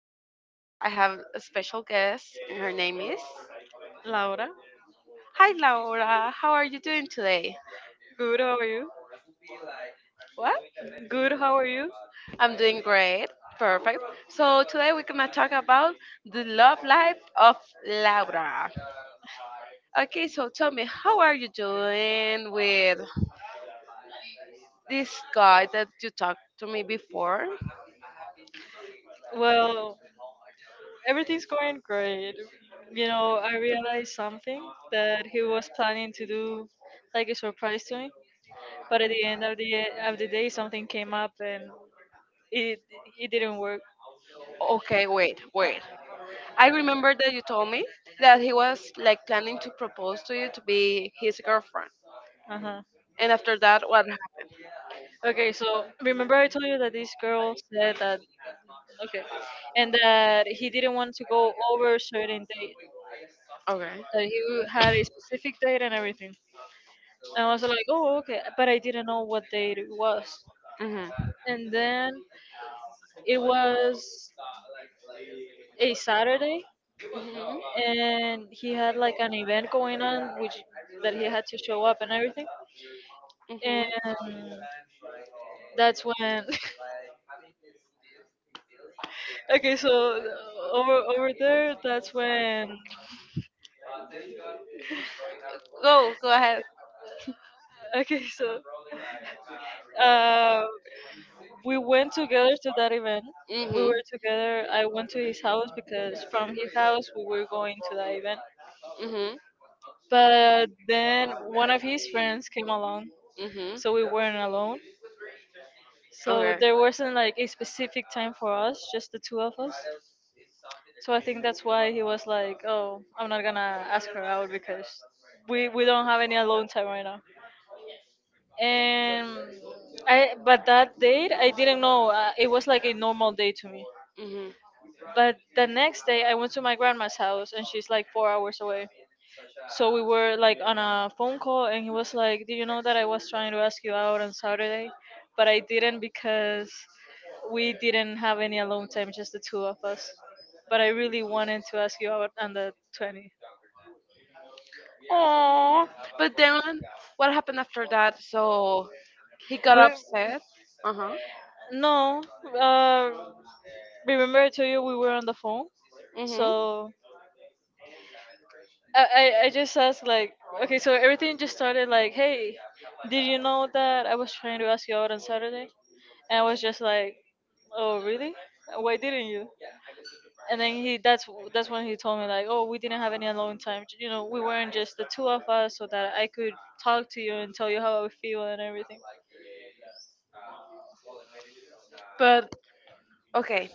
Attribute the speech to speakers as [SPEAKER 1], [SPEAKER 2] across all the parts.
[SPEAKER 1] podcast I have a special guest, and her name is.
[SPEAKER 2] Laura.
[SPEAKER 1] Hi Laura, how are you doing today?
[SPEAKER 2] Good, how are you?
[SPEAKER 1] What?
[SPEAKER 2] Good, how are you?
[SPEAKER 1] I'm doing great, perfect. So today we're gonna talk about the love life of Laura. Okay, so tell me, how are you doing with this guy that you talked to me before?
[SPEAKER 2] Well, everything's going great. You know, I realized something that he was planning to do, like a surprise to me. But at the end of the day, something came up, and it it didn't work.
[SPEAKER 1] Okay, wait, wait. I remember that you told me that he was like planning to propose to you to be his girlfriend.
[SPEAKER 2] Uh huh.
[SPEAKER 1] And after that, what happened?
[SPEAKER 2] Okay, so remember I told you that this girl said that, okay, and that he didn't want to go over certain date.
[SPEAKER 1] Okay.
[SPEAKER 2] That he had a specific date and everything. I was like, oh, okay, but I didn't know what day it was.
[SPEAKER 1] Mhm.
[SPEAKER 2] And then it was a Saturday,
[SPEAKER 1] Mhm.
[SPEAKER 2] and he had like an event going on, which that he had to show up and everything. And
[SPEAKER 1] Mhm.
[SPEAKER 2] that's when, okay, so over over there, that's when,
[SPEAKER 1] Go. Go ahead.
[SPEAKER 2] okay, so uh, we went together to that event. We
[SPEAKER 1] Mhm.
[SPEAKER 2] were together. I went to his house because from his house we were going to that event.
[SPEAKER 1] Mhm.
[SPEAKER 2] But then one of his friends came along,
[SPEAKER 1] Mhm.
[SPEAKER 2] so we weren't alone. So there wasn't like a specific time for us, just the two of us. So I think that's why he was like, "Oh, I'm not gonna ask her out because we don't have any alone time right now." And I, but that date, I didn't know. It was like a normal day to me.
[SPEAKER 1] Okay.
[SPEAKER 2] But the next day, I went to my grandma's house, and she's like 4 hours away. So we were like on a phone call, and he was like, "Do you know that I was trying to ask you out on Saturday, but I didn't because we didn't have any alone time, just the two of us. But I really wanted to ask you out on the 20th."
[SPEAKER 1] Oh, but then what happened after that? So he got
[SPEAKER 2] We,
[SPEAKER 1] upset. Uh huh.
[SPEAKER 2] no, remember I told you we were on the phone,
[SPEAKER 1] Mhm.
[SPEAKER 2] so I just asked like, okay, so everything just started like, hey, did you know that I was trying to ask you out on Saturday? And I was just like, oh really? Why didn't you? And then he that's when he told me like, oh, we didn't have any alone time. You know, we weren't just the two of us, so that I could talk to you and tell you how I feel and everything.
[SPEAKER 1] But okay,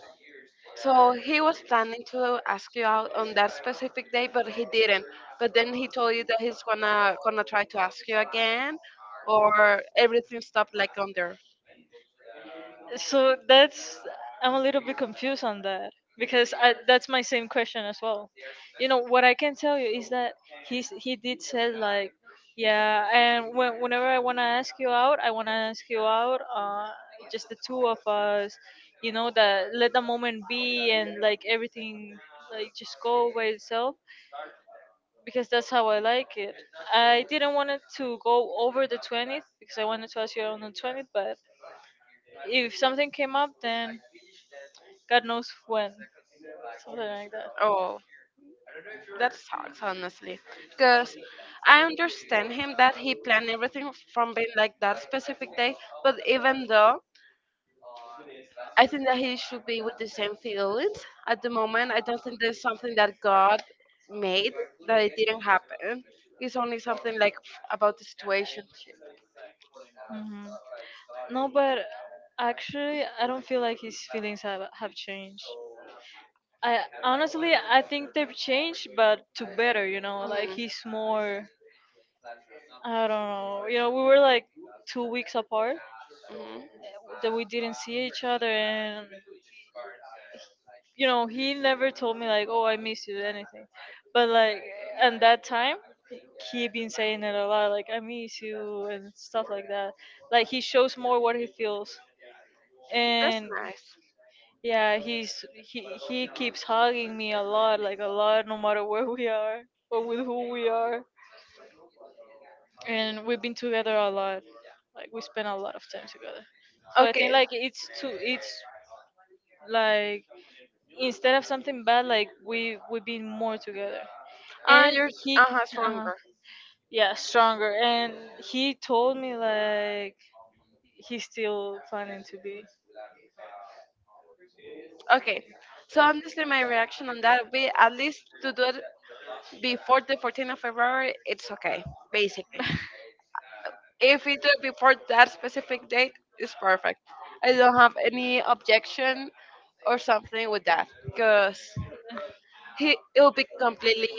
[SPEAKER 1] so he was planning to ask you out on that specific day, but he didn't. But then he told you that he's gonna try to ask you again, or everything stopped like on there.
[SPEAKER 2] So that's I'm a little bit confused on that because that's my same question as well. You know what I can tell you is that he did said like, yeah, and whenever I wanna ask you out, I wanna ask you out. Just the two of us. You know that let the moment be and like everything like just go by itself because that's how I like it. I didn't want it to go over the 20th because I wanted to ask you on the 20th, but if something came up, then God knows when, something like that.
[SPEAKER 1] Oh. That sucks, honestly. Because I understand him that he planned everything from being like that specific day, but even though I think that he should be with the same feelings at the moment, I don't think there's something that God made that it didn't happen. It's only something like about the situation.
[SPEAKER 2] Hmm. No, but actually, I don't feel like his feelings have changed. I honestly, I think they've changed, but to better. You know, like
[SPEAKER 1] Hmm.
[SPEAKER 2] he's more. I don't know. You know, we were like 2 weeks apart
[SPEAKER 1] Hmm.
[SPEAKER 2] that we didn't see each other, and you know, he never told me like, "Oh, I miss you," anything. But like, and that time, he been saying it a lot, like I miss you and stuff like that. Like he shows more what he feels,
[SPEAKER 1] That's
[SPEAKER 2] and
[SPEAKER 1] nice.
[SPEAKER 2] yeah, he keeps hugging me a lot, like a lot, no matter where we are or with who we are. And we've been together a lot, like we spend a lot of time together. So I think
[SPEAKER 1] Okay.
[SPEAKER 2] like it's like instead of something bad, like we've been more together.
[SPEAKER 1] Uh,
[SPEAKER 2] And
[SPEAKER 1] you're
[SPEAKER 2] he,
[SPEAKER 1] uh-huh,
[SPEAKER 2] uh
[SPEAKER 1] Stronger.
[SPEAKER 2] yeah, stronger, and he told me like he's still planning to be
[SPEAKER 1] Okay. So honestly, my reaction on that would be at least to do it before the 14th of February, it's okay, basically. If we do it before that specific date, it's perfect. I don't have any objection or something with that because he it will be completely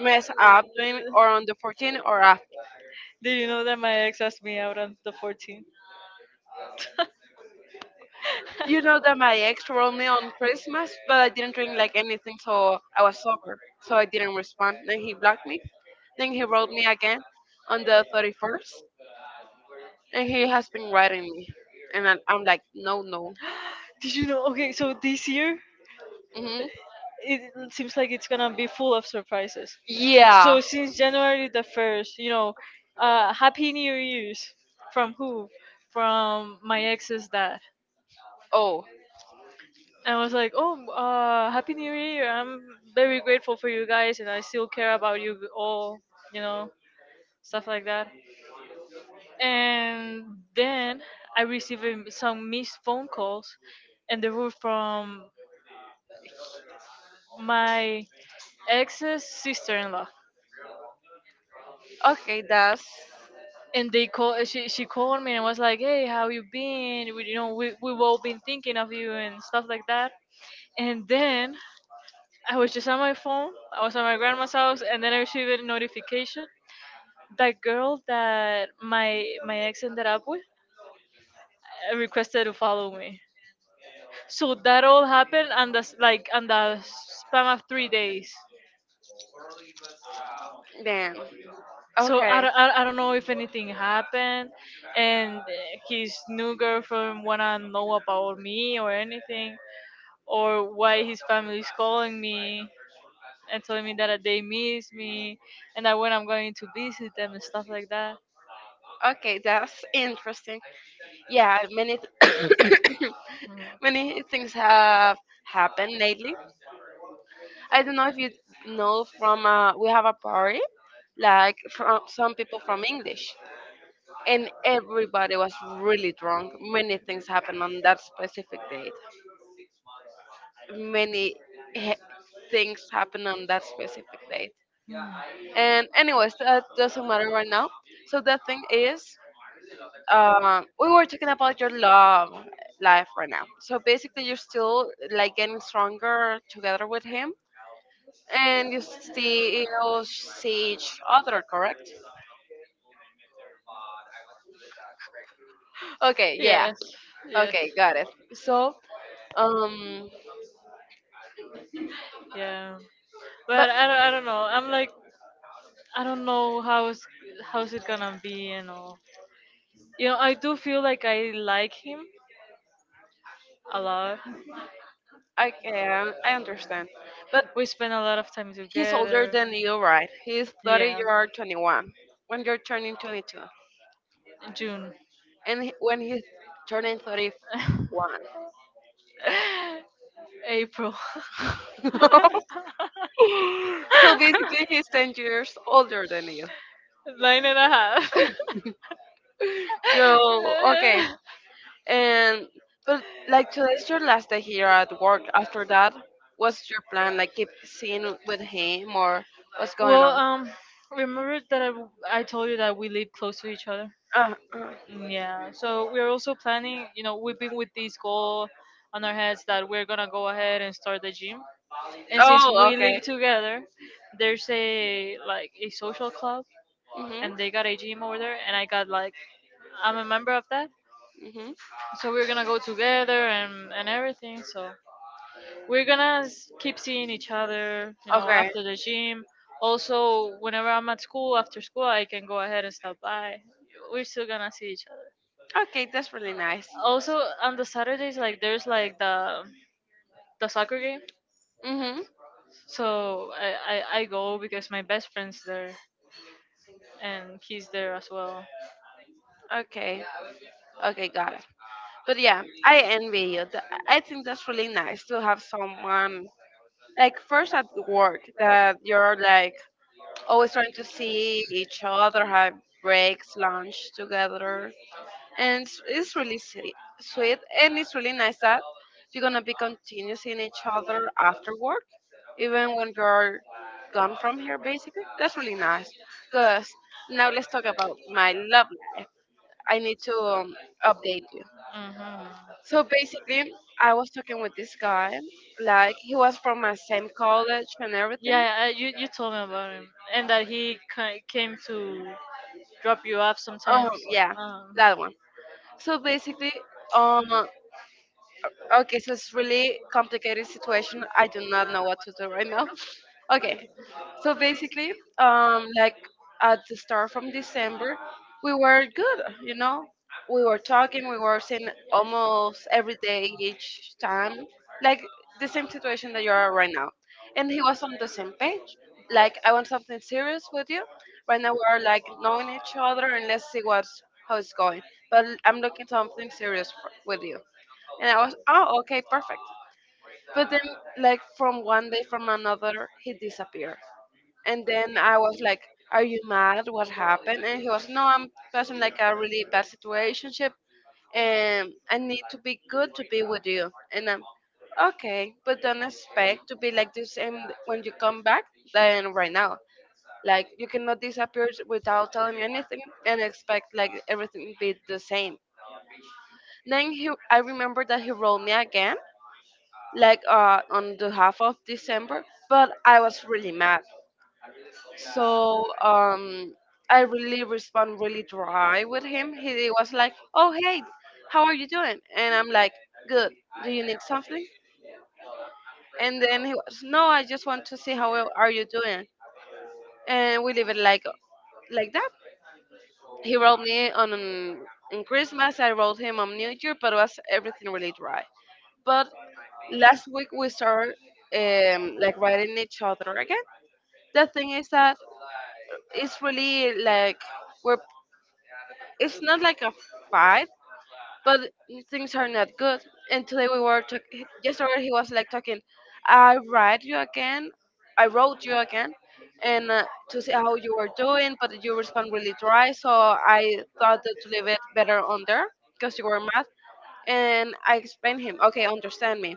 [SPEAKER 1] messed up doing or on the 14th or after.
[SPEAKER 2] did you know that my ex asked me out on the 14th?
[SPEAKER 1] You
[SPEAKER 2] Did
[SPEAKER 1] know that my ex wrote me on Christmas, but I didn't drink like anything, so I was sober, so I didn't respond. Then he blocked me. Then he wrote me again on the 31st, and he has been writing me. And I'm like, no, no.
[SPEAKER 2] you know? Okay, so this year,
[SPEAKER 1] Hmm.
[SPEAKER 2] it it seems like it's gonna be full of surprises.
[SPEAKER 1] Yeah.
[SPEAKER 2] So since January the 1st, happy new year's. From who? From my ex's dad.
[SPEAKER 1] Oh,
[SPEAKER 2] And I was like, "Oh, happy New Year! I'm very grateful for you guys, and I still care about you all. You know, stuff like that." And then I received some missed phone calls, and they were from my ex's sister-in-law.
[SPEAKER 1] okay, that's.
[SPEAKER 2] And they call she called me and was like, "Hey, how you been? We've all been thinking of you and stuff like that." And then I was just on my phone. I was at my grandma's house, and then I received a notification that girl that my ex ended up with, requested to follow me. So that all happened, and that's like and the span of 3 days.
[SPEAKER 1] Then.
[SPEAKER 2] So I,
[SPEAKER 1] Okay.
[SPEAKER 2] don't- I, I don't know if anything happened, and his new girlfriend wanna know about me or anything, or why his family is calling me and telling me that they miss me, and that when I'm going to visit them and stuff like that.
[SPEAKER 1] Okay, that's interesting. Yeah,
[SPEAKER 2] Mm.
[SPEAKER 1] many things have happened lately. I don't know if you know from we have a party like from some people from English, and everybody was really drunk. Many things happened on that specific date. Many he- Things happened on that specific date.
[SPEAKER 2] Mm.
[SPEAKER 1] And anyways, that doesn't matter right now. So the thing is, we were talking about your love life right now. So basically, you're still like getting stronger together with him, and you still see each other, correct? Okay, yeah.
[SPEAKER 2] Yes, yes,
[SPEAKER 1] Okay, got it. So, um,
[SPEAKER 2] it. Yeah.
[SPEAKER 1] but
[SPEAKER 2] But I don't know. I'm like, I don't know how's it gonna be and all. You know, I do feel like I like him a lot.
[SPEAKER 1] Okay, I understand. But
[SPEAKER 2] We spend a lot of time
[SPEAKER 1] he's older
[SPEAKER 2] together.
[SPEAKER 1] than you, right? He's 30,
[SPEAKER 2] Yeah,
[SPEAKER 1] you're 21. When you're turning 22.
[SPEAKER 2] June.
[SPEAKER 1] And when he's turning 31.
[SPEAKER 2] April.
[SPEAKER 1] So basically, he's 10 years older than you.
[SPEAKER 2] Nine and a half.
[SPEAKER 1] Girl, okay. And, but like today's your last day here at work. After that, what's your plan? Like keep seeing with him or what's going
[SPEAKER 2] Well,
[SPEAKER 1] on?
[SPEAKER 2] remember that I told you that we live close to each other.
[SPEAKER 1] Uh, uh.
[SPEAKER 2] Mm, yeah. So we're also planning, we've been with this goal on our heads that we're gonna go ahead and start the gym. And since
[SPEAKER 1] Oh,
[SPEAKER 2] we
[SPEAKER 1] okay.
[SPEAKER 2] live together, there's a like a social club,
[SPEAKER 1] Mm-hmm.
[SPEAKER 2] and they got a gym over there, and I got like I'm a member of that.
[SPEAKER 1] Mm-hmm.
[SPEAKER 2] So we're gonna go together, and everything. So we're gonna keep seeing each other,
[SPEAKER 1] Okay.
[SPEAKER 2] after the gym. Also, whenever I'm at school, after school, I can go ahead and stop by. We're still gonna see each other
[SPEAKER 1] Okay, that's really nice.
[SPEAKER 2] also on the Saturdays, like there's like the soccer game,
[SPEAKER 1] Mhm.
[SPEAKER 2] so I go because my best friend's there and he's there as well.
[SPEAKER 1] Okay. Okay, got it. But yeah, I envy you. I think that's really nice to have someone like first at work that you're like always trying to see each other, have breaks, lunch together, and it's really sweet. Sweet, and it's really nice that you're gonna be continuing seeing each other after work, even when you're gone from here. Basically, that's really nice. Cause now let's talk about my love life. I need to update you.
[SPEAKER 2] Hmm.
[SPEAKER 1] So basically, I was talking with this guy, like he was from my same college and everything.
[SPEAKER 2] Yeah, I, you told me about him and that he came to drop you off sometimes.
[SPEAKER 1] Um, yeah,
[SPEAKER 2] Um,
[SPEAKER 1] that one. So basically, um, okay, so it's really complicated situation. I do not know what to do right now. Okay, so basically, like at the start from December, we were good. You know, we were talking, we were seeing almost every day each time, like the same situation that you are right now. And he was on the same page. Like I want something serious with you. Right now we are like knowing each other, and let's see what's how it's going. But I'm looking something serious with you. And I was, oh, okay, perfect. But then, like from one day from another, he disappeared and then I was like, "Are you mad? What happened?" And he was, "No, I'm passing like a really bad situationship, and I need to be good to be with you." And I'm okay, but don't expect to be like the same when you come back than right now. Like you cannot disappear without telling me anything and expect like everything be the same. Then I remember that he wrote me again, like on the half of December, but I was really mad. So I really respond really dry with him. He was like, "Oh hey, how are you doing?" And I'm like, "Good. Do you need something?" And then he was, "No, I just want to see how well are you doing." And we leave it like that. He wrote me on Christmas. I wrote him on New Year, but was everything really dry. But last week we started like writing each other again. The thing is that it's really like we're it's not like a fight, but things are not good. And today we were talking. Yesterday he was like talking. I write you again. I wrote you again, and to see how you were doing, but you respond really dry. So I thought that to leave it better on there because you were mad. And I explained him. Okay, understand me.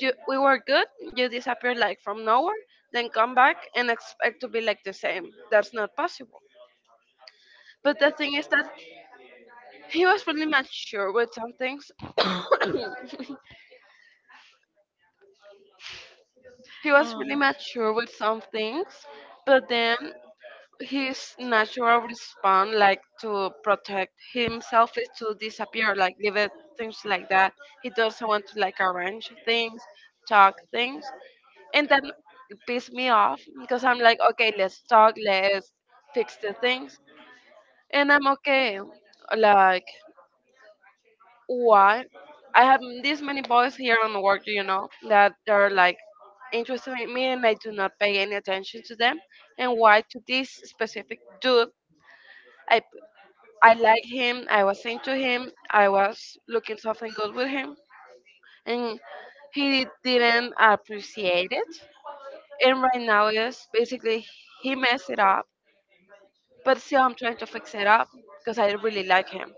[SPEAKER 1] You, we were good. You disappeared like from nowhere, then come back and expect to be like the same. That's not possible. But the thing is that he was really mature with some things. he was
[SPEAKER 2] um,
[SPEAKER 1] really mature with some things, But then his natural response, like to protect himself, is to disappear, like leave it, things like that. He doesn't want to like arrange things, talk things, and that pissed me off because I'm like, okay, let's talk, let's fix the things, and I'm okay. Like why I have this many boys here on the work, you know, that are like interested in me and I do not pay any attention to them. And why to this specific dude, I I like him, I was into him, I was looking something good with him, and he didn't appreciate it. And right now is basically he messed it up, but still I'm trying to fix it up because I really like him.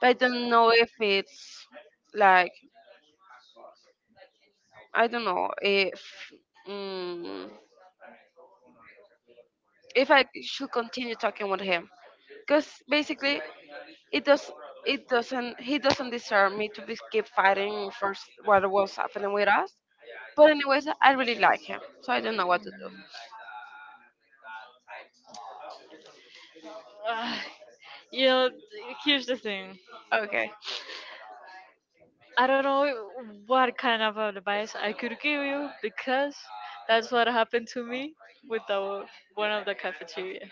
[SPEAKER 1] But I don't know if it's like I don't know if mm, if I should continue talking with him because basically it does it doesn't he doesn't deserve me to be keep fighting for what was happening with us. But anyways, I really like him, so I don't know what to do.
[SPEAKER 2] mm. Ah, you know, here's the thing.
[SPEAKER 1] Okay.
[SPEAKER 2] I don't know what kind of advice I could give you because that's what happened to me with the one of the cafeteria.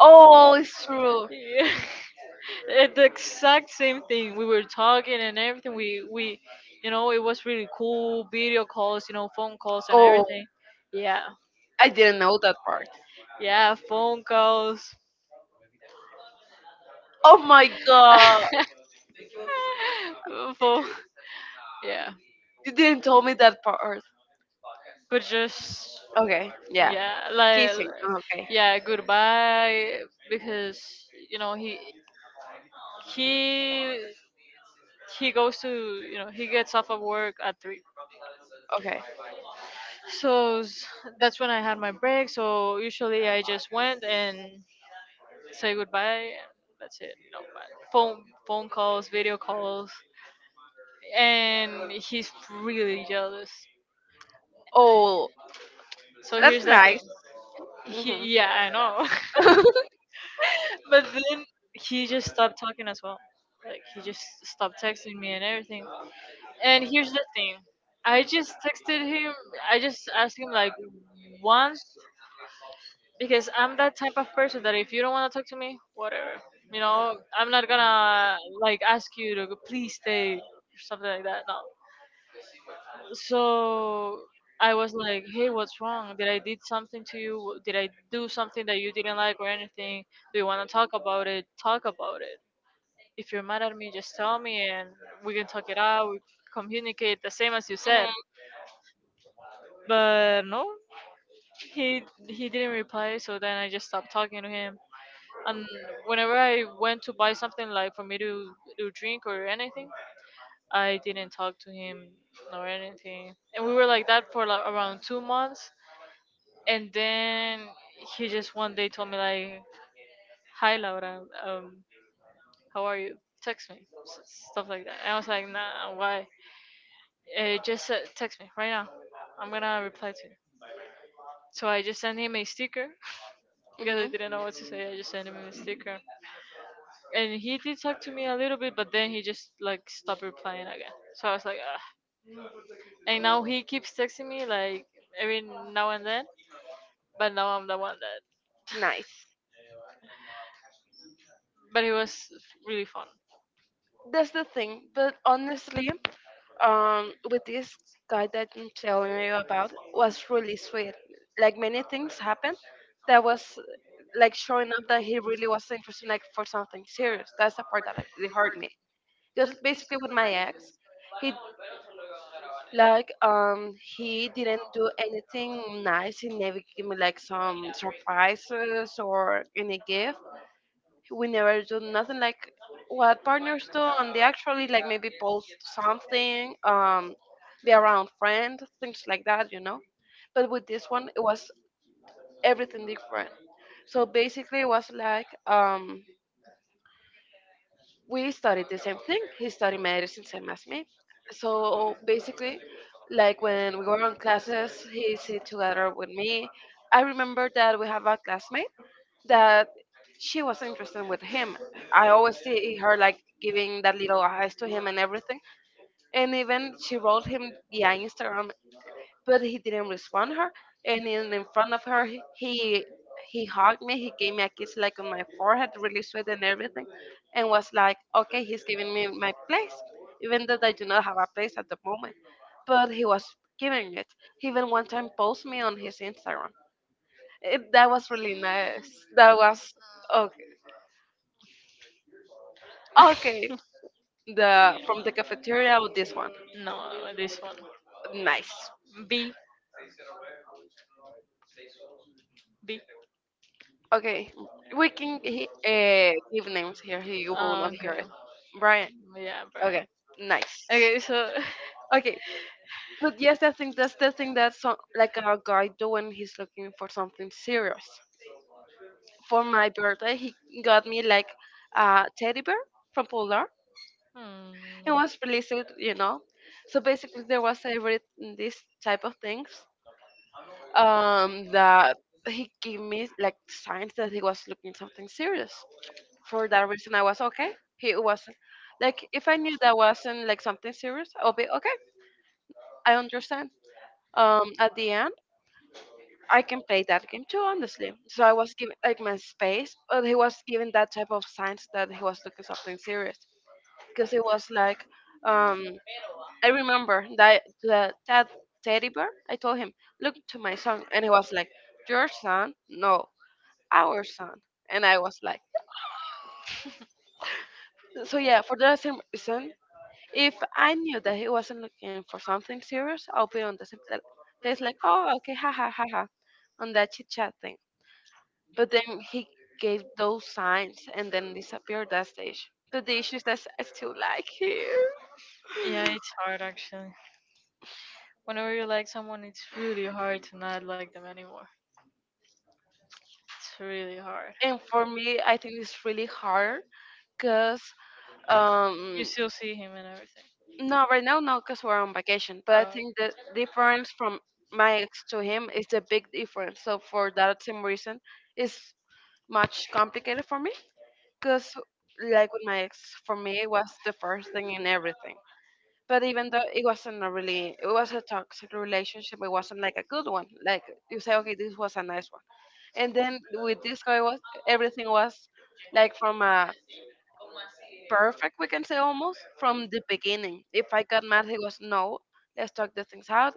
[SPEAKER 1] Oh, it's true.
[SPEAKER 2] Yeah. The exact same thing. We were talking and everything. It was really cool. Video calls, phone calls and
[SPEAKER 1] Oh,
[SPEAKER 2] everything. Yeah,
[SPEAKER 1] I didn't know that part.
[SPEAKER 2] yeah, phone calls.
[SPEAKER 1] Oh my god,
[SPEAKER 2] Phone. Yeah.
[SPEAKER 1] you didn't tell me that part.
[SPEAKER 2] But just,
[SPEAKER 1] Okay, yeah,
[SPEAKER 2] yeah, like,
[SPEAKER 1] kissing. Okay,
[SPEAKER 2] yeah, goodbye. Because you know he he gets off of work at 3.
[SPEAKER 1] okay.
[SPEAKER 2] So that's when I had my break, so usually I just went and say goodbye, and that's it, but phone calls, video calls, and he's really jealous.
[SPEAKER 1] Oh,
[SPEAKER 2] So
[SPEAKER 1] that's
[SPEAKER 2] here's the nice
[SPEAKER 1] nice.
[SPEAKER 2] thing. Nice.
[SPEAKER 1] Hmm.
[SPEAKER 2] Yeah, I know. But then he just stopped talking as well. Like he just stopped texting me and everything. And here's the thing. I just texted him. I just asked him like once because I'm that type of person that if you don't want to talk to me, whatever. You know, I'm not gonna like ask you to go, please stay or something like that. No. So I was like, hey, what's wrong? Did something to you? Did I do something that you didn't like or anything? Do you want to talk about it? Talk about it. If you're mad at me, just tell me, and we can talk it out. We communicate the same as you said.
[SPEAKER 1] Mhm.
[SPEAKER 2] But no, he didn't reply. So then I just stopped talking to him. And whenever I went to buy something like for me to drink or anything, I didn't talk to him or anything. And we were like that for like around 2 months. And then he just one day told me like, "Hi Laura, how are you? Text me, S- stuff like that." And I was like, "Nah, why? Just text me right now. I'm gonna reply to you." So I just sent him a sticker because I
[SPEAKER 1] Mhm.
[SPEAKER 2] didn't know what to say. I just sent him a sticker, and he did talk to me a little bit, but then he just like stopped replying again. So I was like, ugh. And now he keeps texting me like every now and then, but now I'm the one that.
[SPEAKER 1] Nice.
[SPEAKER 2] But it was really fun.
[SPEAKER 1] That's the thing. But honestly, with this guy that I'm telling you about was really sweet. Like many things happened that was like showing up that he really was interested like for something serious. That's the part that like, really hurt me. Because basically with my ex, he like he didn't do anything nice. He never gave me like some surprises or any gift. We never do nothing like what partners do and they actually like maybe post something, be around friends, things like that, you know. But with this one it was everything different. So basically it was like, we studied the same thing, he studied medicine same as me. So basically, like when we were on classes he sit together with me. I remember that we have a classmate that she was interested with him. I always see her like giving that little eyes to him and everything. And even she wrote him via Instagram, but he didn't respond her. And in front of her, he hugged me. He gave me a kiss like on my forehead, really sweet and everything, and was like, "Okay, he's giving me my place, even though I do not have a place at the moment." But he was giving it. He even one time posted me on his Instagram. It, that was really nice. That was okay. Okay, the from the cafeteria with this one.
[SPEAKER 2] No, this one.
[SPEAKER 1] Nice.
[SPEAKER 2] B. B.
[SPEAKER 1] Okay, we can give names here. He will
[SPEAKER 2] Oh,
[SPEAKER 1] not hear
[SPEAKER 2] okay.
[SPEAKER 1] it. Brian.
[SPEAKER 2] Yeah, bro.
[SPEAKER 1] Okay, nice.
[SPEAKER 2] Okay, so.
[SPEAKER 1] Okay, but yes, I think that's the thing that so, like a guy do when he's looking for something serious. For my birthday, he got me like a teddy bear from Polar
[SPEAKER 2] Hmm.
[SPEAKER 1] and was released, you know. So basically, there was a read in this type of things, that he gave me like signs that he was looking something serious. For that reason, I was okay. He wasn't like if I knew that wasn't like something serious, I'll be okay. I understand. At the end, I can play that game too, honestly. So I was given like my space, but he was given that type of signs that he was looking something serious because it was like um, I remember that the that teddy bear. I told him, look to my son, and he was like, your son? No, our son. And I was like, so yeah, for the same reason, if I knew that he wasn't looking for something serious, I'll be on the same place like, oh, okay, ha ha ha ha, on that chit chat thing. But then he gave those signs and then disappeared that stage. But the issue is that I still like him.
[SPEAKER 2] Yeah, it's hard actually. Whenever you like someone, it's really hard to not like them anymore. It's really hard.
[SPEAKER 1] And for me, I think it's really hard because
[SPEAKER 2] You
[SPEAKER 1] um,
[SPEAKER 2] still see him and everything.
[SPEAKER 1] no, right now, no, because we're on vacation. But I
[SPEAKER 2] Uh,
[SPEAKER 1] think the difference from my ex to him is a big difference. So for that same reason, it's much complicated for me. Because like with my ex, for me it was the first thing in everything. But even though it wasn't a really, it was a toxic relationship. It wasn't like a good one. Like you say, okay, this was a nice one. And then with this guy, was everything was like from a perfect, we can say almost from the beginning. If I got mad, he was no, let's talk the things out.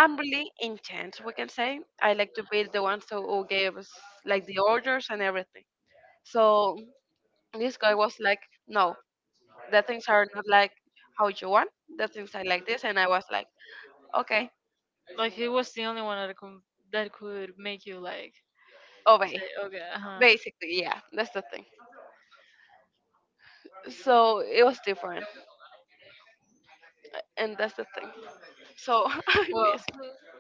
[SPEAKER 1] I'm really intense, we can say. I like to be the one so who gave us like the orders and everything. So this guy was like, no, the things are not like how you want. The things are like this, and I was like, okay,
[SPEAKER 2] like he was the only one that could make you like
[SPEAKER 1] obey.
[SPEAKER 2] say okay, uh huh.
[SPEAKER 1] Basically, yeah, that's the thing. So it was different, and that's the thing. So I
[SPEAKER 2] Well,
[SPEAKER 1] miss.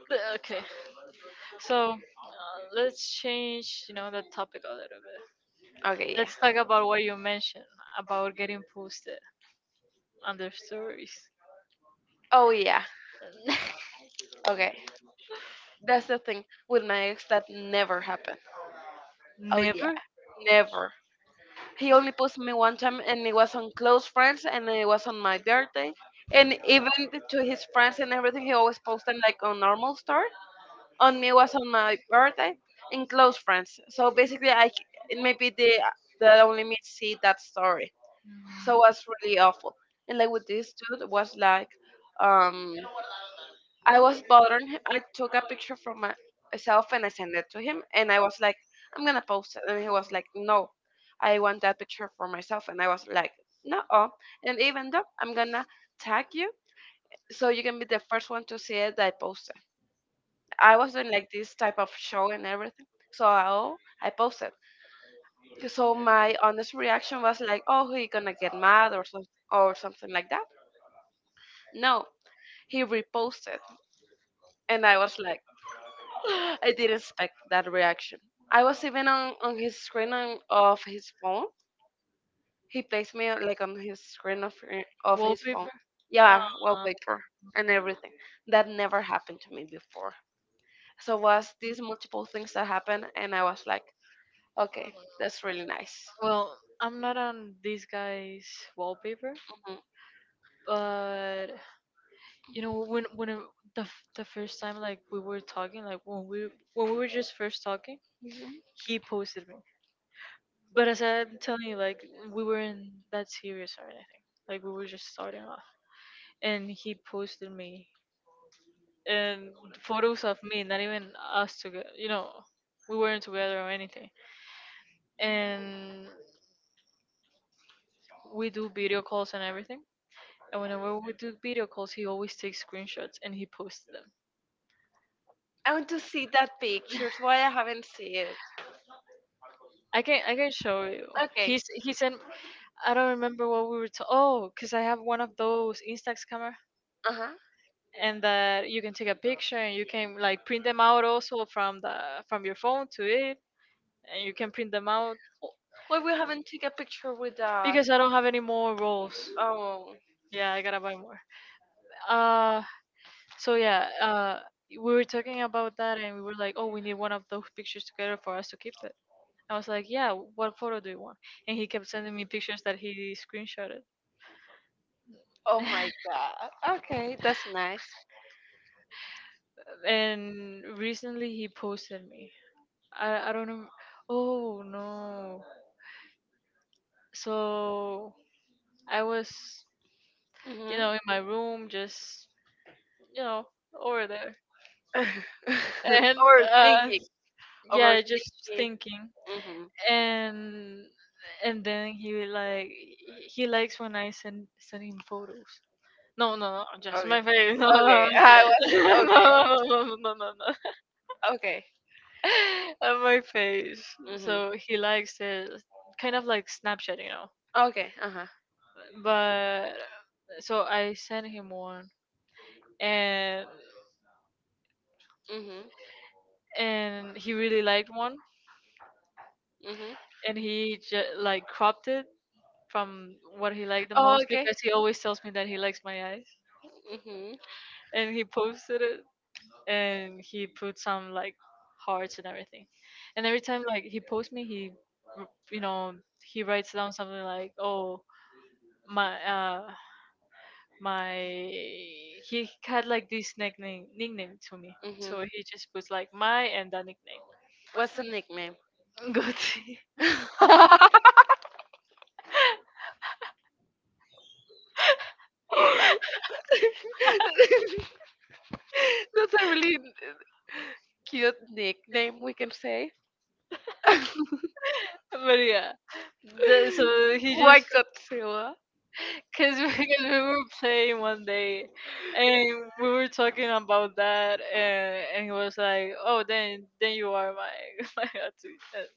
[SPEAKER 2] okay. So let's change, you know, the topic a little bit.
[SPEAKER 1] Okay, yeah.
[SPEAKER 2] Let's talk about what you mentioned about getting posted under stories.
[SPEAKER 1] Oh yeah. Okay. That's the thing with my ex that never happened. Oh yeah,
[SPEAKER 2] Never
[SPEAKER 1] never. He only posted me one time, and it was on close friends, and it was on my birthday. And even to his friends and everything, he always posted like on normal story. On me was on my birthday, in close friends. So basically, it may be the that only me see that story. So it was really awful. And like with this dude was like, um, I was bothering him. I took a picture from myself and I sent it to him. And I was like, I'm gonna post it. And he was like, no, I want that picture for myself. And I was like, no. And even though I'm gonna tag you, so you can be the first one to see it that I posted. I was doing like this type of show and everything. So I, oh, I posted. So my honest reaction was like, oh, he gonna get mad or something like that. No, he reposted, and I was like. I didn't expect that reaction. I was even on his screen on, of his phone. He placed me like on his screen of his phone.
[SPEAKER 2] wallpaper. Yeah.
[SPEAKER 1] Yeah, wallpaper and everything. That never happened to me before. So was these multiple things that happened, and I was like, okay, that's really nice.
[SPEAKER 2] Well, I'm not on these guys' wallpaper,
[SPEAKER 1] Mhm.
[SPEAKER 2] but you know when the first time like we were talking, like when we were just first talking,
[SPEAKER 1] Mhm.
[SPEAKER 2] he posted me. But as I'm telling you, like we weren't that serious or anything. Like we were just starting off, and he posted me and photos of me, not even us together. You know, we weren't together or anything. And we do video calls and everything. And whenever we do video calls, he always takes screenshots and he posts them.
[SPEAKER 1] I want to see that picture. It's why I haven't seen it?
[SPEAKER 2] I can show you.
[SPEAKER 1] Okay.
[SPEAKER 2] He sent. I don't remember what we were. To, oh, cause I have one of those Instax camera,
[SPEAKER 1] Uh huh.
[SPEAKER 2] and that you can take a picture and you can like print them out also from the from your phone to it, and you can print them out.
[SPEAKER 1] Why we haven't taken a picture with us?
[SPEAKER 2] Because I don't have any more rolls.
[SPEAKER 1] Oh.
[SPEAKER 2] Yeah, I gotta buy more. Uh, so yeah. We were talking about that, and we were like, oh, we need one of those pictures together for us to keep it. I was like, yeah, what photo do you want? And he kept sending me pictures that he screenshotted.
[SPEAKER 1] Oh my god. Okay, that's nice.
[SPEAKER 2] And recently he posted me. I don't know. Oh no. So I was, you
[SPEAKER 1] Mhm.
[SPEAKER 2] know, in my room just, you know, over there. And
[SPEAKER 1] overthinking,
[SPEAKER 2] uh yeah, just
[SPEAKER 1] overthinking.
[SPEAKER 2] thinking.
[SPEAKER 1] Mhm.
[SPEAKER 2] And and then he like he likes when I send him photos. No, no, no, just
[SPEAKER 1] Okay.
[SPEAKER 2] my face. No,
[SPEAKER 1] Okay.
[SPEAKER 2] no,
[SPEAKER 1] I was
[SPEAKER 2] no,
[SPEAKER 1] okay.
[SPEAKER 2] no, no, no, no.
[SPEAKER 1] Okay.
[SPEAKER 2] And my face.
[SPEAKER 1] Mhm.
[SPEAKER 2] So he likes it, kind of like Snapchat, you know.
[SPEAKER 1] Okay. Uh huh.
[SPEAKER 2] But so I sent him one, and
[SPEAKER 1] Mhm.
[SPEAKER 2] and he really liked one,
[SPEAKER 1] Mhm.
[SPEAKER 2] and he just like cropped it from what he liked the
[SPEAKER 1] Oh,
[SPEAKER 2] most
[SPEAKER 1] okay.
[SPEAKER 2] because he always tells me that he likes my eyes.
[SPEAKER 1] Mhm.
[SPEAKER 2] And he posted it and he put some like hearts and everything. And every time like he posts me, he you know he writes down something like, "Oh my my," he had like this nickname to me,
[SPEAKER 1] Mhm.
[SPEAKER 2] so he just puts like my and that nickname.
[SPEAKER 1] What's the nickname?
[SPEAKER 2] Gucci.
[SPEAKER 1] That's a really cute nickname, we can say.
[SPEAKER 2] But yeah, so he just.
[SPEAKER 1] White Godzilla.
[SPEAKER 2] Cause because we were playing one day, and we were talking about that, and he was like, "Oh, then you are my my tattoo."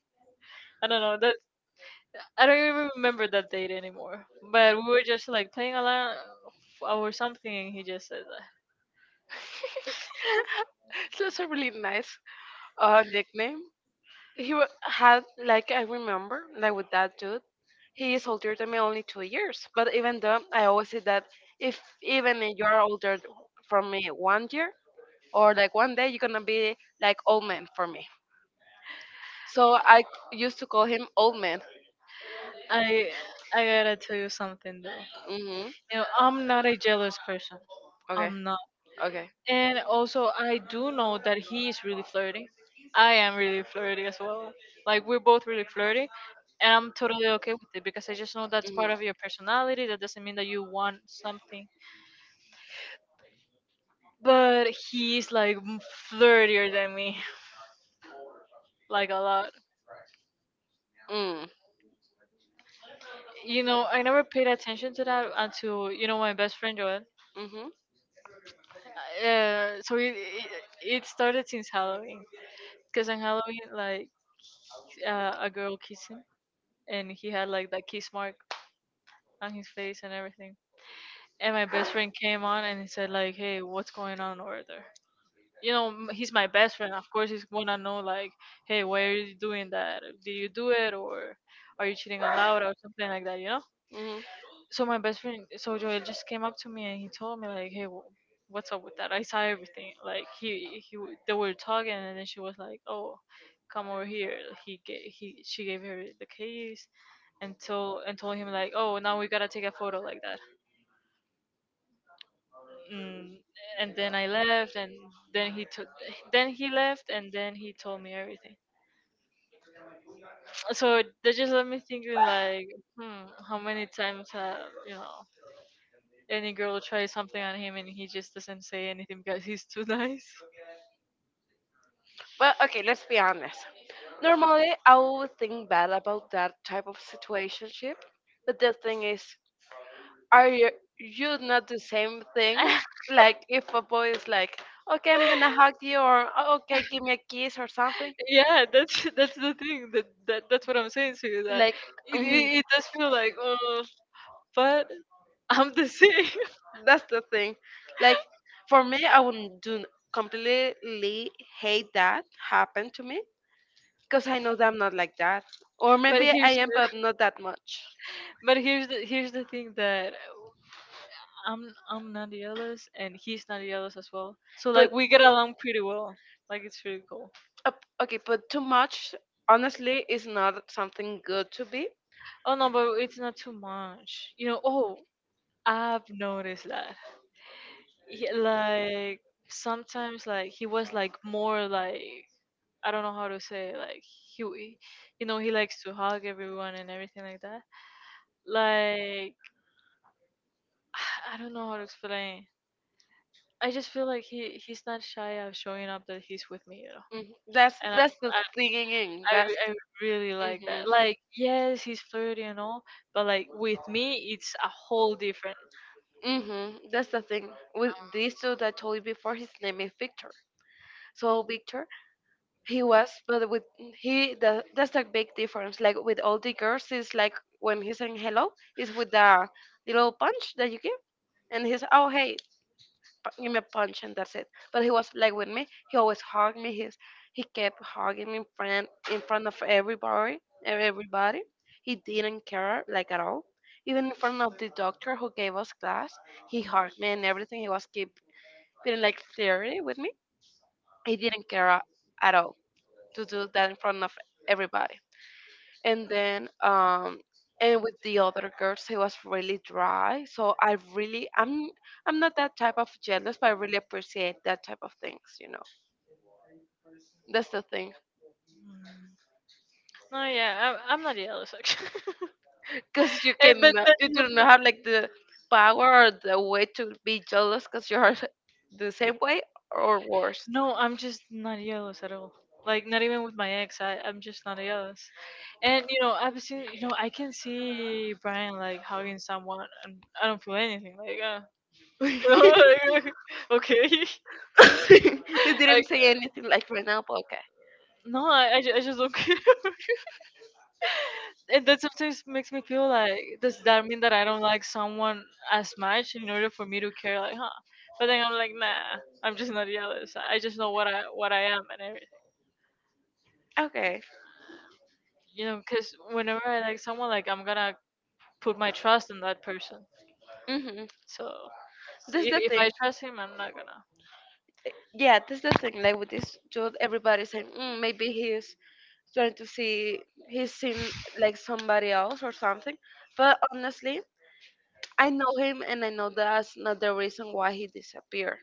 [SPEAKER 2] I don't know. That I don't even remember that date anymore. But we were just like playing along or something, and he just said that.
[SPEAKER 1] So that's a really nice nickname. Had, like, I remember, like, with that dude, he is older than me only 2 years. But even though, I always say that if even if you're older from me one year, or like one day, you're gonna be like old man for me. So I used to call him old man.
[SPEAKER 2] I I gotta tell you something though.
[SPEAKER 1] Hmm.
[SPEAKER 2] You know, I'm not a jealous person.
[SPEAKER 1] Okay.
[SPEAKER 2] I'm not.
[SPEAKER 1] Okay.
[SPEAKER 2] And also, I do know that he is really flirty. I am really flirty as well. Like we're both really flirty, and I'm totally okay with it because I just know that's part
[SPEAKER 1] Mm-hmm.
[SPEAKER 2] of your personality. That doesn't mean that you want something. But he's like flirtier than me, like a lot.
[SPEAKER 1] Mm,
[SPEAKER 2] You know, I never paid attention to that until you know my best friend Joel.
[SPEAKER 1] mhm,
[SPEAKER 2] So it it started since Halloween, because on Halloween like a girl kissed him, and he had like that kiss mark on his face and everything. And my best friend came on and he said like, "Hey, what's going on over there?" You know, he's my best friend. Of course, he's gonna know like, "Hey, why are you doing that? Did you do it, or are you cheating on Laura or something like that?" You know.
[SPEAKER 1] mhm.
[SPEAKER 2] So my best friend, so Joel just came up to me and he told me like, "Hey, what's up with that?" I saw everything. Like he they were talking and then she was like, "Oh." Come over here, he gave he she gave her the keys and told him like oh now we gotta take a photo like that. Mm, and then I left, and then he took, then he left, and then he told me everything. So that just left me thinking, like, hmm, how many times have you know any girl try something on him and he just doesn't say anything because he's too nice.
[SPEAKER 1] But okay, let's be honest. Normally, I would think bad about that type of situationship. But the thing is, are you, you not the same thing? Like, if a boy is like, okay, I'm gonna hug you, or "oh, okay, give me a kiss, or something.
[SPEAKER 2] Yeah, that's the thing that, that's what I'm saying to you that
[SPEAKER 1] Like, mhm,
[SPEAKER 2] it does feel like oh, but I'm the same.
[SPEAKER 1] that's the thing. Like, for me, I wouldn't do completely hate that happen to me because I know that I'm not like that. Or
[SPEAKER 2] but
[SPEAKER 1] maybe I
[SPEAKER 2] here's
[SPEAKER 1] am,
[SPEAKER 2] the,
[SPEAKER 1] but not that much.
[SPEAKER 2] but here's the thing that I'm not jealous, and he's not jealous as well. So like
[SPEAKER 1] But
[SPEAKER 2] we get along pretty well. Like it's pretty cool.
[SPEAKER 1] uh, okay, but too much honestly is not something good to be.
[SPEAKER 2] Oh no, but it's not too much. You know. Oh, I've noticed that. He, like sometimes, like he was like more like I don't know how to say it. Like he you know, he likes to hug everyone and everything like that. Like I don't know how to explain. I just feel like he's not shy of showing up that he's with me, you know.
[SPEAKER 1] Mhm.
[SPEAKER 2] And
[SPEAKER 1] That's the thing. That's
[SPEAKER 2] I really like
[SPEAKER 1] hmm.
[SPEAKER 2] that. Like, yes, he's flirty and all, but like with me, it's a whole different.
[SPEAKER 1] Hmm. That's the thing. With this dude I told you before, his name is Victor. So Victor, he was, but with he, the, that's the big difference. Like with all the girls, it's like when he's saying hello, it's with the little punch that you give, and he's oh hey, give me a punch and that's it. But he was like with me. He always hugged me. He's he kept hugging me in front of everybody. Everybody. He didn't care like at all. Even in front of the doctor who gave us class, he hugged me and everything. He was keep feeling like flirty with me. He didn't care at all to do that in front of everybody. And then and with the other girls he was really dry, so I really I'm not that type of jealous, but I really appreciate that type of things, you know. That's the thing.
[SPEAKER 2] No, yeah, I'm not jealous actually.
[SPEAKER 1] Because you
[SPEAKER 2] Eh,
[SPEAKER 1] can
[SPEAKER 2] but that,
[SPEAKER 1] you
[SPEAKER 2] no,
[SPEAKER 1] do not have like the power or the way to be jealous because you're the same way or worse.
[SPEAKER 2] no, I'm just not jealous at all. Like, not even with my ex, I'm just not jealous. And you know, I've seen, you know, I can see Brian like hugging someone, and I don't feel anything. Like, you know,
[SPEAKER 1] You
[SPEAKER 2] like, okay,
[SPEAKER 1] didn't
[SPEAKER 2] like
[SPEAKER 1] say anything like right now, but okay.
[SPEAKER 2] no, I I just don't care. And that sometimes makes me feel like does that mean that I don't like someone as much in order for me to care like huh, but then I'm like nah, I'm just not jealous. I just know what I am and everything.
[SPEAKER 1] Okay.
[SPEAKER 2] You know because whenever I like someone like I'm gonna put my trust in that person.
[SPEAKER 1] Hmm.
[SPEAKER 2] So
[SPEAKER 1] That's the
[SPEAKER 2] if
[SPEAKER 1] thing.
[SPEAKER 2] I trust him I'm not gonna.
[SPEAKER 1] Yeah, that's the thing. Like with this dude, everybody's saying, mm, maybe he's trying to see he's seen like somebody else or something. But honestly, I know him and I know that's not the reason why he disappeared.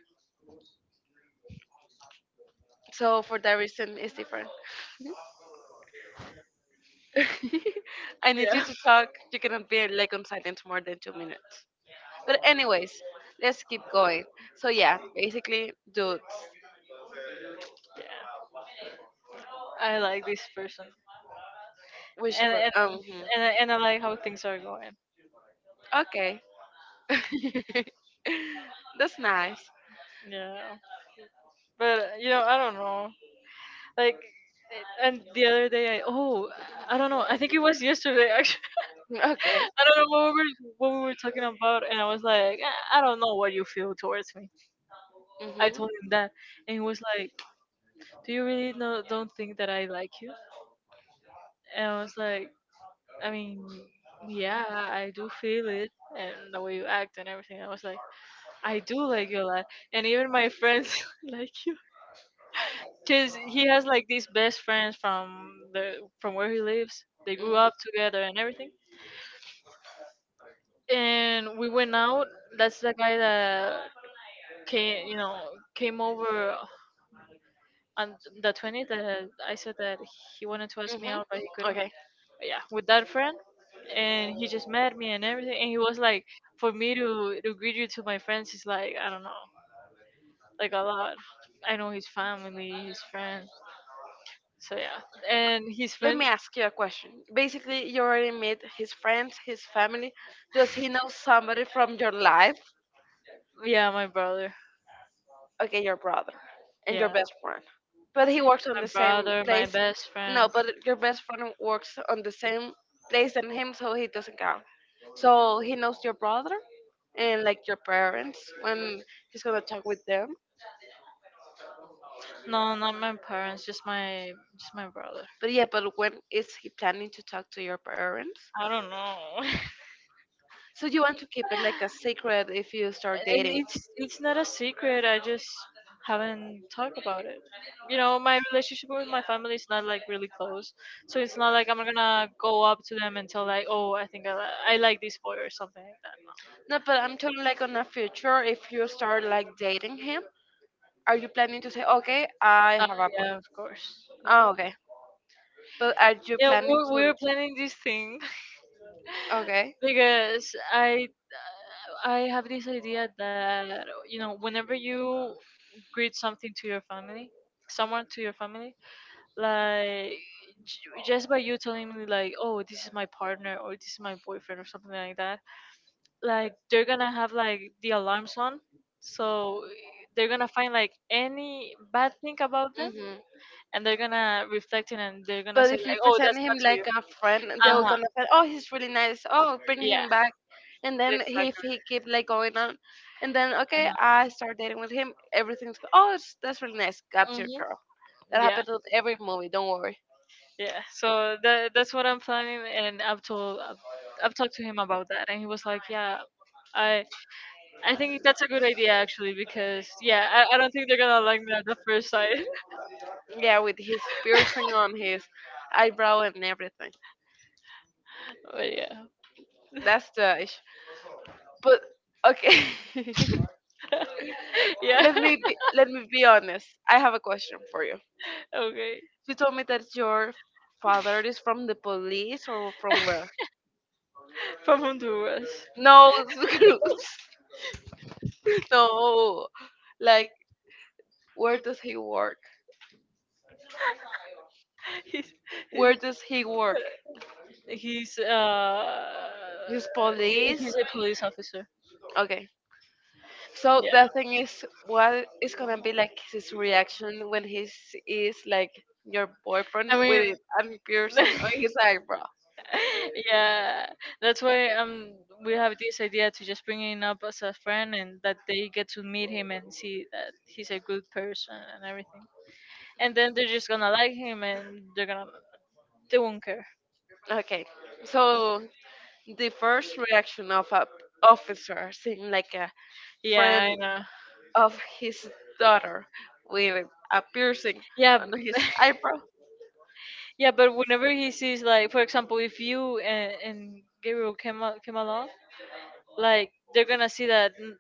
[SPEAKER 1] So for that reason, it's different. I need you
[SPEAKER 2] Yeah
[SPEAKER 1] to talk. You cannot be like on silence more than 2 minutes. But anyways, let's keep going. So yeah, basically, dudes,
[SPEAKER 2] yeah, I like this person and
[SPEAKER 1] whisper.
[SPEAKER 2] and
[SPEAKER 1] Hmm.
[SPEAKER 2] and I, and I like how things are going.
[SPEAKER 1] Okay, that's nice.
[SPEAKER 2] Yeah but you know I don't know, like. And the other day, I oh, I don't know. I think it was yesterday. Actually,
[SPEAKER 1] Okay.
[SPEAKER 2] I don't know what we were talking about, and I was like, I don't know what you feel towards me. I told him that, and he was like, Do you really don't think that I like you? And I was like, I mean, yeah, I do feel it, and the way you act and everything. I was like, I do like you a lot, and even my friends like you, cause he has like these best friends from the from
[SPEAKER 1] Hmm.
[SPEAKER 2] where he lives. They grew up together and everything and we went out. That's the guy that came, you know, came over on the 20th. That I said that he wanted to ask me
[SPEAKER 1] Hmm.
[SPEAKER 2] out, but he couldn't.
[SPEAKER 1] Okay.
[SPEAKER 2] But yeah, with that friend, and he just met me and everything. And he was like, for me to greet you to my friends is like I don't know, like a lot. I know his family, his friends. So yeah, and his
[SPEAKER 1] Let
[SPEAKER 2] friend,
[SPEAKER 1] me ask you a question. Basically, you already met his friends, his family. Does he know somebody from your life?
[SPEAKER 2] yeah, my brother,
[SPEAKER 1] Okay, your brother and your
[SPEAKER 2] yeah,
[SPEAKER 1] best friend. But he works on
[SPEAKER 2] my
[SPEAKER 1] the same
[SPEAKER 2] brother, my
[SPEAKER 1] place.
[SPEAKER 2] best
[SPEAKER 1] No,
[SPEAKER 2] friend.
[SPEAKER 1] but your best friend works on the same place than him, so he doesn't count. So he knows your brother and like your parents when he's gonna talk with them.
[SPEAKER 2] No, not my parents, just my brother.
[SPEAKER 1] But yeah, but when is he planning to talk to your parents?
[SPEAKER 2] I don't know.
[SPEAKER 1] So you want to keep it like a secret if you start
[SPEAKER 2] and
[SPEAKER 1] dating.
[SPEAKER 2] It's not a secret. I just haven't talked about it. You know, my relationship with my family is not like really close, so it's not like I'm gonna go up to them and tell like, oh, I think I like this boy or something like that. No.
[SPEAKER 1] No, but I'm talking like on a future if you start like dating him. Are you planning to say, okay, I have a boy?
[SPEAKER 2] Yeah, of course. Yeah,
[SPEAKER 1] Oh, okay. But are you
[SPEAKER 2] yeah
[SPEAKER 1] planning
[SPEAKER 2] we're
[SPEAKER 1] to?
[SPEAKER 2] planning this thing.
[SPEAKER 1] Okay.
[SPEAKER 2] Because I have this idea that you know whenever you greet something to your family, someone to your family, like just by you telling me like, oh, this is my partner or this is my boyfriend or something like that, like they're gonna have like the alarms on, so they're gonna find like any bad thing about them
[SPEAKER 1] Mhm.
[SPEAKER 2] and they're gonna reflect it and they're gonna
[SPEAKER 1] But
[SPEAKER 2] say
[SPEAKER 1] if you
[SPEAKER 2] like, oh,
[SPEAKER 1] present
[SPEAKER 2] that's
[SPEAKER 1] him
[SPEAKER 2] not to you.
[SPEAKER 1] like a friend, they
[SPEAKER 2] Uh
[SPEAKER 1] will
[SPEAKER 2] huh.
[SPEAKER 1] gonna say, "oh, he's really nice. Oh, bring
[SPEAKER 2] Yeah.
[SPEAKER 1] him back." And then if
[SPEAKER 2] Exactly.
[SPEAKER 1] he keep like going on, and then okay, I start dating with him. Everything's oh, it's, that's really nice. Got your
[SPEAKER 2] Mhm.
[SPEAKER 1] girl. That
[SPEAKER 2] Yeah,
[SPEAKER 1] happens with every movie. Don't worry.
[SPEAKER 2] yeah. So that that's what I'm planning, and I've talked to him about that, and he was like, "Yeah, I. I think that's a good idea actually because yeah, I don't think they're gonna like me at the first sight.
[SPEAKER 1] Yeah, with his piercing on his eyebrow and everything.
[SPEAKER 2] But yeah.
[SPEAKER 1] That's the issue. But okay,
[SPEAKER 2] Yeah.
[SPEAKER 1] let me be honest. I have a question for you.
[SPEAKER 2] Okay.
[SPEAKER 1] You told me that your father is from the police or from where?
[SPEAKER 2] From Honduras.
[SPEAKER 1] No, no. Like, where does he work?
[SPEAKER 2] He's
[SPEAKER 1] Where does he work?
[SPEAKER 2] he's uh
[SPEAKER 1] His
[SPEAKER 2] he
[SPEAKER 1] police.
[SPEAKER 2] he's a police officer.
[SPEAKER 1] Okay. So
[SPEAKER 2] Yeah.
[SPEAKER 1] the thing is, what is gonna be like his reaction when he is like your boyfriend
[SPEAKER 2] I
[SPEAKER 1] with
[SPEAKER 2] mean
[SPEAKER 1] it and piercing on his eyebrow?
[SPEAKER 2] yeah. That's why we have this idea to just bring him up as a friend and that they get to meet him and see that he's a good person and everything. And then they're just gonna like him, and they won't care.
[SPEAKER 1] Okay. So the first reaction of a officer seeing like a friend
[SPEAKER 2] Yeah, I know.
[SPEAKER 1] of his daughter with a piercing
[SPEAKER 2] Yeah,
[SPEAKER 1] on his eyebrow,
[SPEAKER 2] yeah, but whenever he sees, like, for example, if you and Gabriel came along, like they're gonna see that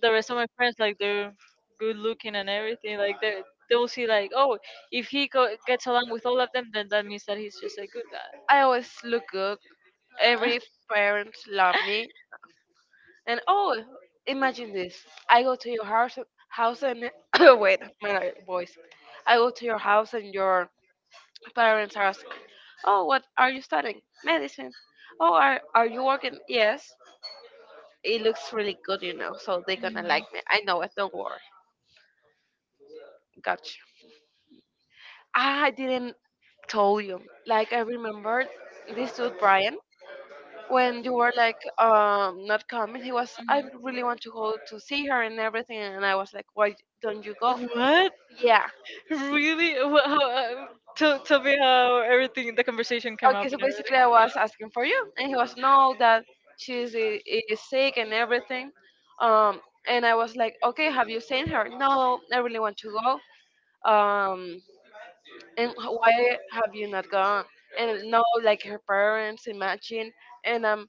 [SPEAKER 2] the rest of my friends, like they're good looking and everything, like they will see like, "Oh, if he gets along with all of them, then that means that he's just a good guy."
[SPEAKER 1] I always look good.
[SPEAKER 2] Uh,
[SPEAKER 1] Every parent love me. And oh, imagine this. I go to your house and wait, my voice. I go to your house and your parents ask, "oh, what are you studying? Medicine. Oh, are you working? Yes. It looks really good, you know. So they're gonna like me. I know it. Don't worry. Gotcha. I didn't told you. Like I remember this dude Brian. When you were like not coming, he was, "I really want to go to see her and everything." And I was like, "Why don't you
[SPEAKER 2] mhm,
[SPEAKER 1] go?"
[SPEAKER 2] mhm. What?
[SPEAKER 1] Yeah.
[SPEAKER 2] Really? How, tell me how everything, the conversation came up
[SPEAKER 1] Okay, so
[SPEAKER 2] and everything.
[SPEAKER 1] basically I was asking for you, and he was, "No, that she's is sick and everything." um and I was like, "Okay, have you seen her?" "No, I really want to go." um "And why have you not gone?" "And no, like, her parents, imagine." And I'm,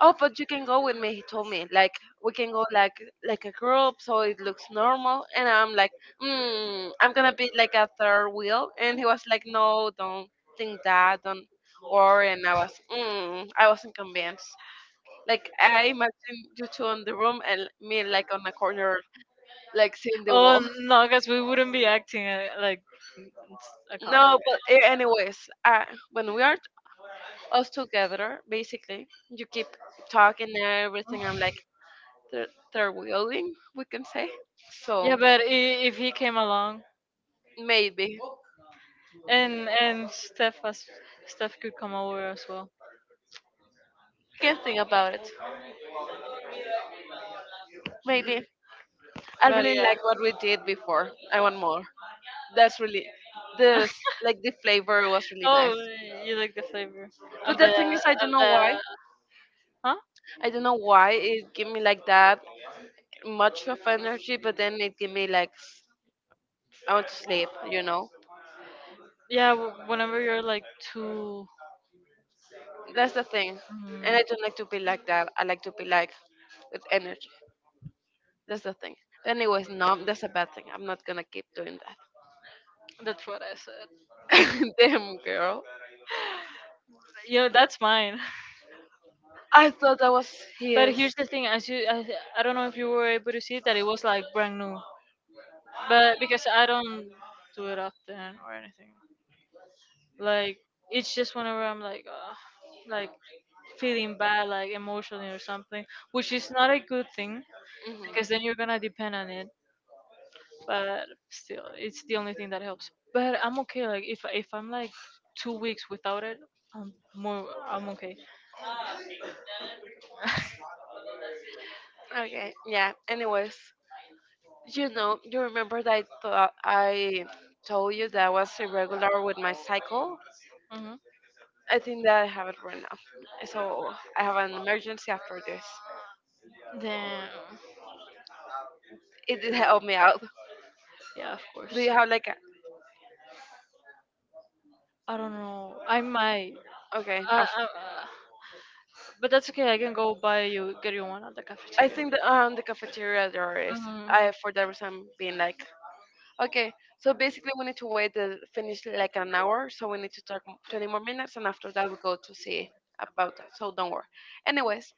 [SPEAKER 1] "Oh, but you can go with me," he told me. Like, "We can go like a group so it looks normal." And I'm like, "I'm gonna be like a third wheel." And he was like, "No, don't think that, don't worry." And I was, I wasn't convinced. Like, I imagine you two on the room and me like on a corner like seeing the wall.
[SPEAKER 2] Oh, no, guys, we wouldn't be acting, like, it's a couple.
[SPEAKER 1] No, but anyways, uh, when we are us together, basically you keep talking and everything. I'm like, they're, they willing, we can say.
[SPEAKER 2] Yeah,
[SPEAKER 1] So
[SPEAKER 2] but if he came along,
[SPEAKER 1] maybe we
[SPEAKER 2] and Steph could come over as well.
[SPEAKER 1] can think about it. Maybe. I
[SPEAKER 2] But
[SPEAKER 1] really
[SPEAKER 2] yeah.
[SPEAKER 1] like what we did before. I want more. That's really this, like, the flavor was really
[SPEAKER 2] Oh,
[SPEAKER 1] nice.
[SPEAKER 2] you like the flavor of
[SPEAKER 1] But
[SPEAKER 2] the
[SPEAKER 1] the thing is, I don't know
[SPEAKER 2] the
[SPEAKER 1] why.
[SPEAKER 2] huh?
[SPEAKER 1] I don't know why it gave me like that much of energy, but then it gave me like I want to sleep. You know,
[SPEAKER 2] Yeah, whenever you're like, too.
[SPEAKER 1] that's the thing. And
[SPEAKER 2] Mm,
[SPEAKER 1] I don't like to be like that. I like to be like with energy. That's the thing. But anyways, no, that's a bad thing. I'm not gonna keep doing that.
[SPEAKER 2] that's what I said.
[SPEAKER 1] Damn, girl.
[SPEAKER 2] Yeah, that's mine.
[SPEAKER 1] I thought that was
[SPEAKER 2] But here's
[SPEAKER 1] his.
[SPEAKER 2] the thing, I don't know if you were able to see that it was like brand new, but because I don't do it often, or like, it's just whenever I'm like, like, feeling bad, like emotionally or something, which is not a good thing
[SPEAKER 1] Mhm.
[SPEAKER 2] because then you're gonna depend on it. But still, it's the only thing that helps. But I'm okay. Like, if I'm like 2 weeks without it, I'm okay.
[SPEAKER 1] Okay, yeah. Anyways, you know, you remember that I thought I told you that I was irregular with my cycle?
[SPEAKER 2] Hmm.
[SPEAKER 1] I think that I have it right now. So I have an emergency after this.
[SPEAKER 2] Then
[SPEAKER 1] It did help me out.
[SPEAKER 2] yeah, of
[SPEAKER 1] Do
[SPEAKER 2] course.
[SPEAKER 1] you have like a
[SPEAKER 2] I don't know. I might.
[SPEAKER 1] okay?
[SPEAKER 2] Uh, uh, uh, but that's okay. I can go buy you get you one at the
[SPEAKER 1] I
[SPEAKER 2] cafeteria.
[SPEAKER 1] think that the cafeteria there is.
[SPEAKER 2] Mhm.
[SPEAKER 1] I, for that reason, I'm being like, okay, so basically we need to wait the finish like an hour, so we need to talk 20 more minutes, and after that we go to see about that. So don't worry. Anyways,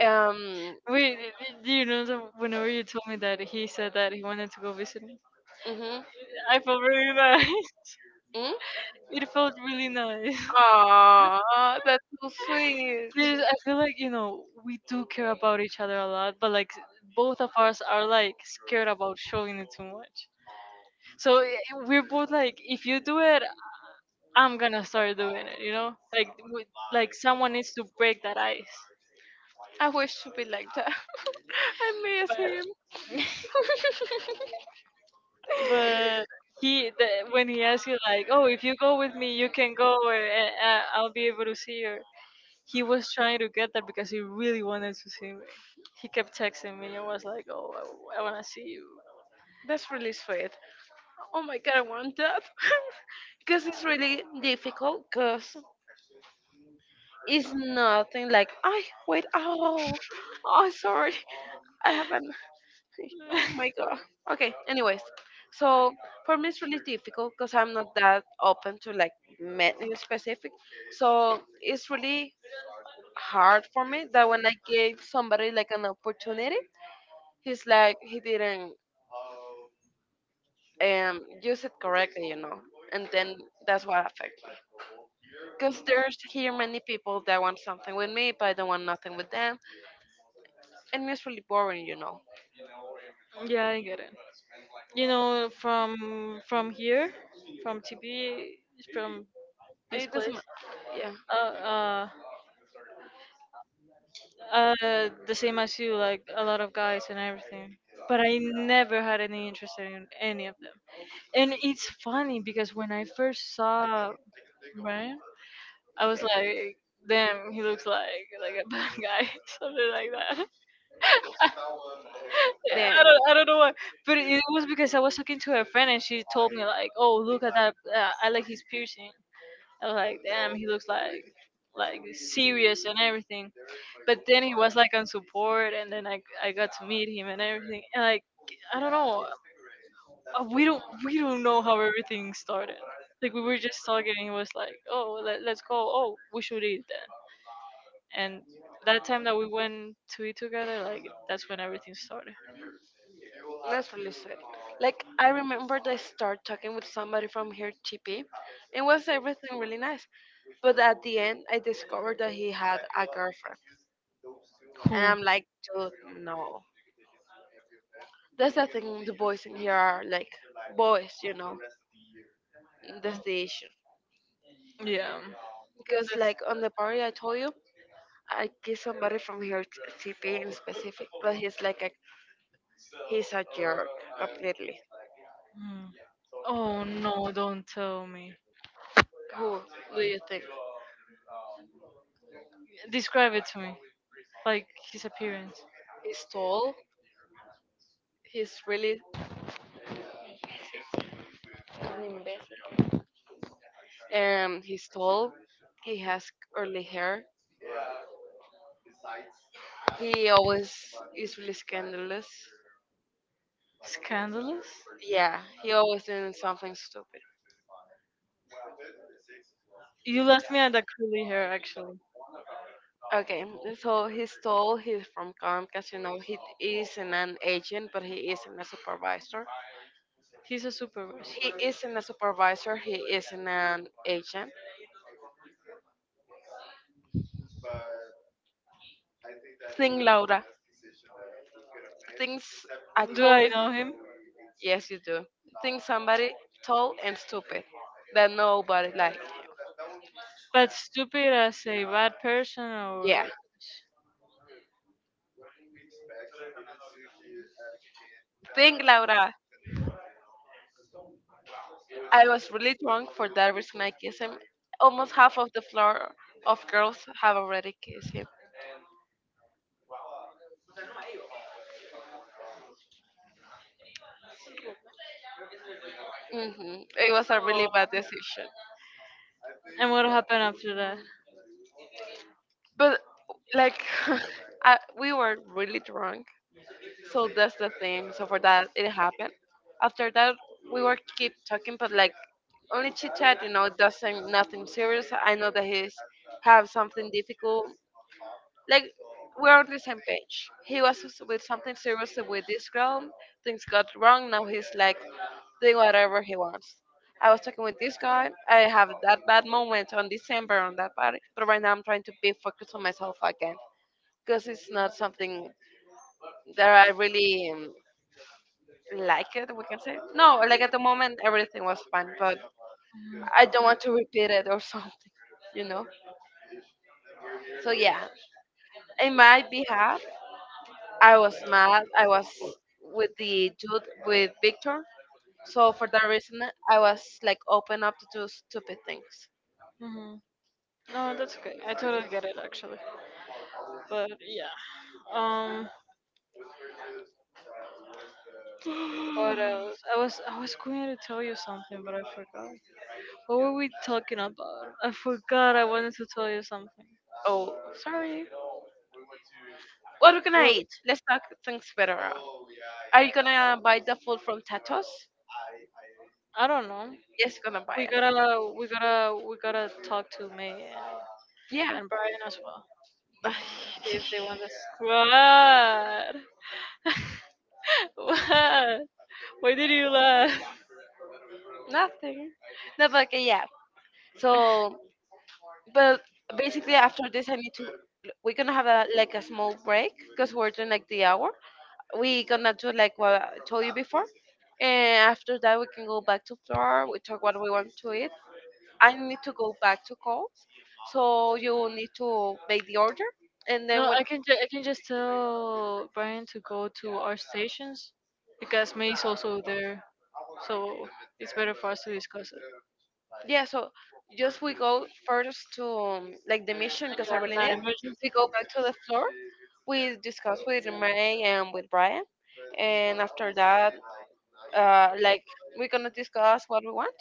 [SPEAKER 1] um,
[SPEAKER 2] Wait, do you know that whenever you told me that he said that he wanted to go visit me,
[SPEAKER 1] mm-hmm,
[SPEAKER 2] I felt really nice.
[SPEAKER 1] mm.
[SPEAKER 2] It felt really nice.
[SPEAKER 1] Aw, that's so sweet.
[SPEAKER 2] Because I feel like, we do care about each other a lot, but like, both of us are like scared about showing it too much. So we're both like, if you do it, I'm gonna start doing it. You know, like someone needs to break that ice.
[SPEAKER 1] I wish to be like that. I miss him.
[SPEAKER 2] But when he asked you like, "Oh, if you go with me, you can go, or I'll be able to see you," he was trying to get that because he really wanted to see me. He kept texting me and was like, "Oh, I wanna see you."
[SPEAKER 1] That's really sweet. Oh my god, I want that. Because it's really difficult, because it's nothing like, I wait, oh, oh, sorry. I haven't. Oh my god. Okay. Anyways, so for me it's really difficult because I'm not that open to like men in specific. So it's really hard for me that when I gave somebody like an opportunity, he's like he didn't use it correctly, you know. And then that's what affects me. Because there's here many people that want something with me, but I don't want nothing with them. And it's really boring, you know.
[SPEAKER 2] Yeah, I get it. You know, from here, from TB, from this
[SPEAKER 1] It doesn't,
[SPEAKER 2] place.
[SPEAKER 1] yeah.
[SPEAKER 2] Uh, uh, the same as you, like a lot of guys and everything. But I never had any interest in any of them. And it's funny because when I first saw Brian, I was like, "Damn, he looks like a bad guy, something like that." Yeah,
[SPEAKER 1] Then.
[SPEAKER 2] I don't know why, but it was because I was talking to a friend and she told me like, "Oh, look at that! I like his piercing." I was like, damn, he looks like serious and everything. But then he was like on support, and then I got to meet him and everything. And like, I don't know, we don't know how everything started. Like, we were just talking, and he was like, "Oh, let's go. Oh, we should eat then." And that time that we went to eat together, like, that's when everything started.
[SPEAKER 1] That's really sweet. Like I remember I started talking with somebody from here, TP. It was everything really nice. But at the end I discovered that he had a girlfriend. And
[SPEAKER 2] Who?
[SPEAKER 1] I'm like, dude, no. That's the thing, the boys in here are like boys, you know.
[SPEAKER 2] Mm.
[SPEAKER 1] That's the issue.
[SPEAKER 2] Yeah.
[SPEAKER 1] Because
[SPEAKER 2] That's.
[SPEAKER 1] like on the party I told you, I kissed somebody from here, TP in specific, but he's like a he's a jerk completely.
[SPEAKER 2] Mm. Oh, no! Don't tell me.
[SPEAKER 1] Who do you think?
[SPEAKER 2] Describe it to me. Like, his appearance.
[SPEAKER 1] He's tall. He's really he's tall. He has curly hair. He always is really scandalous.
[SPEAKER 2] Scandalous.
[SPEAKER 1] Yeah, he always doing something stupid.
[SPEAKER 2] You left me on that curly hair. Actually,
[SPEAKER 1] Okay, so he's tall. He's from Comcast. You know, he isn't an agent, but he isn't a supervisor.
[SPEAKER 2] he's a
[SPEAKER 1] He
[SPEAKER 2] supervisor.
[SPEAKER 1] isn't a supervisor. He isn't an agent. Think Laura. Things I
[SPEAKER 2] Do I
[SPEAKER 1] told.
[SPEAKER 2] know him?
[SPEAKER 1] Yes, you do. Think somebody tall and stupid that nobody like.
[SPEAKER 2] But stupid as a bad person, or.
[SPEAKER 1] Yeah.
[SPEAKER 2] or-
[SPEAKER 1] Think Laura. I was really drunk for that reason. I kissed him. Almost half of the floor of girls have already kissed him. Hmm. It was a really bad decision.
[SPEAKER 2] And what happened after that?
[SPEAKER 1] But like, I, we were really drunk. So that's the thing. So for that, it happened. After that, we were keep talking, but like only chit chat. You know, it doesn't nothing serious. I know that he's have something difficult. Like we're on the same page. He was with something serious with this girl. Things got wrong. Now he's like doing whatever he wants. I was talking with this guy. I have that bad moment on December on that party, but right now I'm trying to be focused on myself again because it's not something that I really like it, we can say. No, like at the moment, everything was fine, but I don't want to repeat it or something, you know? So, yeah, in my behalf, I was mad. I was with the dude, with Victor. So, for that reason, I was like open up to do stupid things.
[SPEAKER 2] Mhm. No, that's okay. I totally get it, actually. But yeah. Um, what else? I was going to tell you something, but I forgot. What were we talking about? I forgot. I wanted to tell you something.
[SPEAKER 1] Oh, sorry. What are we gonna
[SPEAKER 2] Well,
[SPEAKER 1] eat? Let's talk things better out. Are you gonna buy the food from Tatos?
[SPEAKER 2] I don't know.
[SPEAKER 1] Yes, you're gonna buy
[SPEAKER 2] We
[SPEAKER 1] it.
[SPEAKER 2] gotta talk to May and,
[SPEAKER 1] Yeah.
[SPEAKER 2] and Brian as well. See if they want this. What? What? Why did you laugh?
[SPEAKER 1] Nothing. No, but okay, yeah. So, but basically after this, I need to. We're gonna have a like a small break because we're doing like the hour. We gonna do like what I told you before, and after that we can go back to floor. We talk what we want to eat. I need to go back to calls, so you will need to make the order, and
[SPEAKER 2] No,
[SPEAKER 1] then when.
[SPEAKER 2] I can just tell Brian to go to our stations because May's also there, so it's better for us to discuss it.
[SPEAKER 1] Yeah, so just we go first to like the mission because I
[SPEAKER 2] Yeah,
[SPEAKER 1] really need.
[SPEAKER 2] the
[SPEAKER 1] It.
[SPEAKER 2] emergency.
[SPEAKER 1] We go back to the floor. We discuss with May and with Brian, and after that, like we're gonna discuss what we want,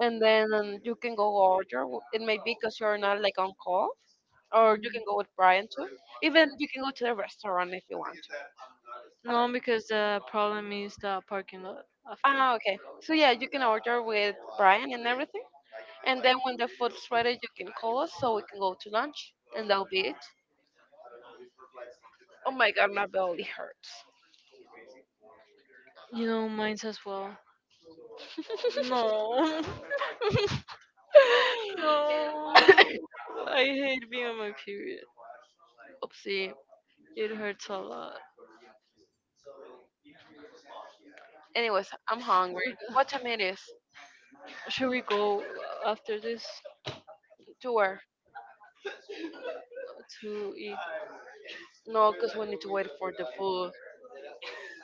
[SPEAKER 1] and then you can go order. It may be because you're not like on call, or you can
[SPEAKER 2] Mm.
[SPEAKER 1] go with Brian too. Even you can go to the restaurant if you want. Um,
[SPEAKER 2] No, because the problem is the parking lot after.
[SPEAKER 1] ah, okay. So yeah, you can order with Brian and everything, and then when the food's ready, you can call us so we can go to lunch, and that'll be it. Oh my god, my belly hurts.
[SPEAKER 2] You know, mine's as well. No, no, I hate being on my period.
[SPEAKER 1] Oopsie.
[SPEAKER 2] It hurts a lot.
[SPEAKER 1] Anyways, I'm hungry. What time it is?
[SPEAKER 2] Should we go after this
[SPEAKER 1] To hour.
[SPEAKER 2] to eat?
[SPEAKER 1] No, because we need to wait for the food,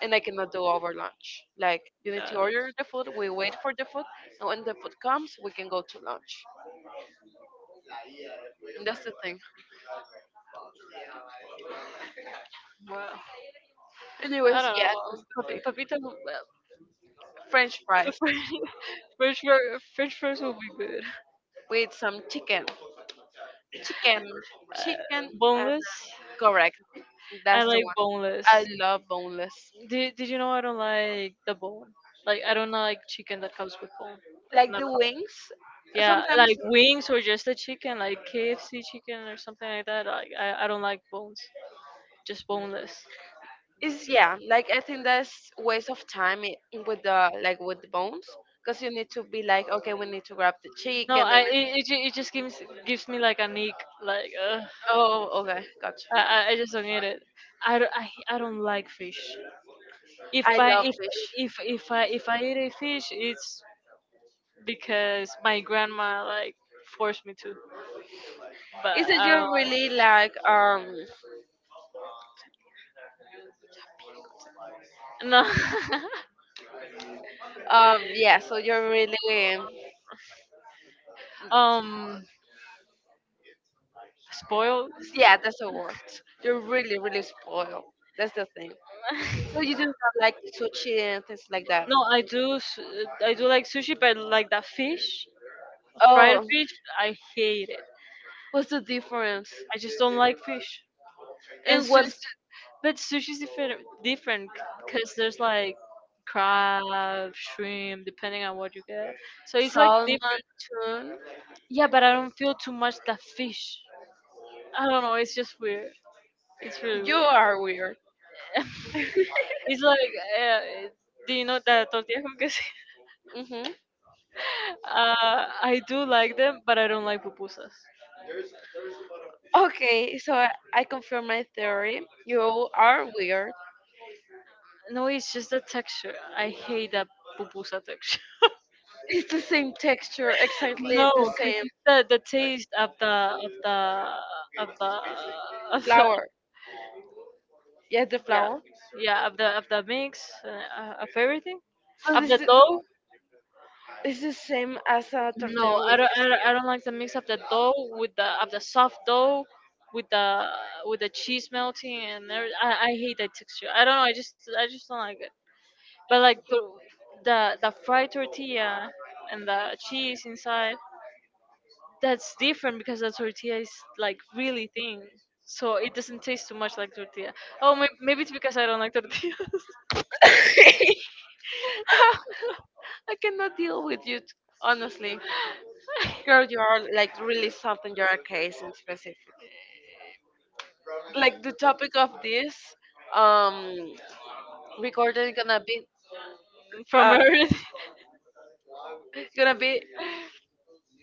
[SPEAKER 1] and I cannot do over lunch. Like you need to
[SPEAKER 2] Yeah,
[SPEAKER 1] order the food. We wait for the food, and when the food comes, we can go to lunch. And that's the thing.
[SPEAKER 2] I
[SPEAKER 1] Anyways,
[SPEAKER 2] don't
[SPEAKER 1] yeah, that's
[SPEAKER 2] know.
[SPEAKER 1] the thing.
[SPEAKER 2] Papita, the French
[SPEAKER 1] French fries
[SPEAKER 2] fries, French fries will be good.
[SPEAKER 1] with some chicken, chicken,
[SPEAKER 2] Uh,
[SPEAKER 1] chicken. uh,
[SPEAKER 2] boneless.
[SPEAKER 1] correct.
[SPEAKER 2] I
[SPEAKER 1] That's the
[SPEAKER 2] like
[SPEAKER 1] one.
[SPEAKER 2] boneless.
[SPEAKER 1] I love boneless.
[SPEAKER 2] Did you know I don't like the bone? Like, I don't like chicken that comes with bone.
[SPEAKER 1] Like the wings
[SPEAKER 2] Yeah,
[SPEAKER 1] sometimes
[SPEAKER 2] like wings or just the chicken, like KFC chicken or something like that. Like, I don't like bones, just boneless.
[SPEAKER 1] is, yeah, like I think that's waste of time. With the like with the bones, because you need to be like, okay, we need to grab the cheek
[SPEAKER 2] No,
[SPEAKER 1] and then
[SPEAKER 2] I it, it, ju- it just gives me like an ick. Like, ugh,
[SPEAKER 1] oh, okay, gotcha.
[SPEAKER 2] I just don't get it. I don't like fish. If
[SPEAKER 1] I
[SPEAKER 2] I
[SPEAKER 1] love fish.
[SPEAKER 2] if I if I eat a fish, it's because my grandma like forced me to. But
[SPEAKER 1] Is that
[SPEAKER 2] I don't
[SPEAKER 1] you're really
[SPEAKER 2] like.
[SPEAKER 1] like
[SPEAKER 2] No.
[SPEAKER 1] yeah, so you're really
[SPEAKER 2] um, spoiled.
[SPEAKER 1] yeah, that's a word. You're really spoiled. That's the thing. So you just have like sushi and things like that.
[SPEAKER 2] No, I do like sushi, but like that fish, fried
[SPEAKER 1] Oh,
[SPEAKER 2] fish, I hate it.
[SPEAKER 1] what's the difference?
[SPEAKER 2] I just don't like fish. And
[SPEAKER 1] And what?
[SPEAKER 2] but sushi's different, cause there's like crab, shrimp, depending on what you get. So it's like different.
[SPEAKER 1] Salman tune?
[SPEAKER 2] Yeah, but I don't feel too much the fish. I don't know. It's just weird. It's really
[SPEAKER 1] You
[SPEAKER 2] weird.
[SPEAKER 1] are weird.
[SPEAKER 2] It's like, do you know the tortilla con queso?
[SPEAKER 1] Hmm.
[SPEAKER 2] I do like them, but I don't like pupusas.
[SPEAKER 1] Okay, so I confirm my theory. You are weird.
[SPEAKER 2] No, it's just the texture. I hate that pupusa texture.
[SPEAKER 1] It's the same texture, exactly
[SPEAKER 2] No,
[SPEAKER 1] the
[SPEAKER 2] because
[SPEAKER 1] same
[SPEAKER 2] the taste of the of the
[SPEAKER 1] flower. Yeah, the
[SPEAKER 2] yeah,
[SPEAKER 1] flower.
[SPEAKER 2] yeah, of the mix, of everything,
[SPEAKER 1] But
[SPEAKER 2] of the dough.
[SPEAKER 1] it's the same as a
[SPEAKER 2] No,
[SPEAKER 1] tortilla
[SPEAKER 2] I
[SPEAKER 1] with
[SPEAKER 2] don't, I don't I don't like the mix of the dough with the soft dough with the with the cheese melting, and every, I hate that texture. I don't know. I just, don't like it. But like, the fried tortilla and the cheese inside, that's different because the tortilla is like really thin. So it doesn't taste too much like tortilla. Oh, maybe it's because I don't like tortilla.
[SPEAKER 1] quesillo. I cannot deal with you, honestly. Girl, you are like really something. You're a case in specific. Like the topic of this um recording
[SPEAKER 2] From
[SPEAKER 1] uh
[SPEAKER 2] Earth.
[SPEAKER 1] gonna be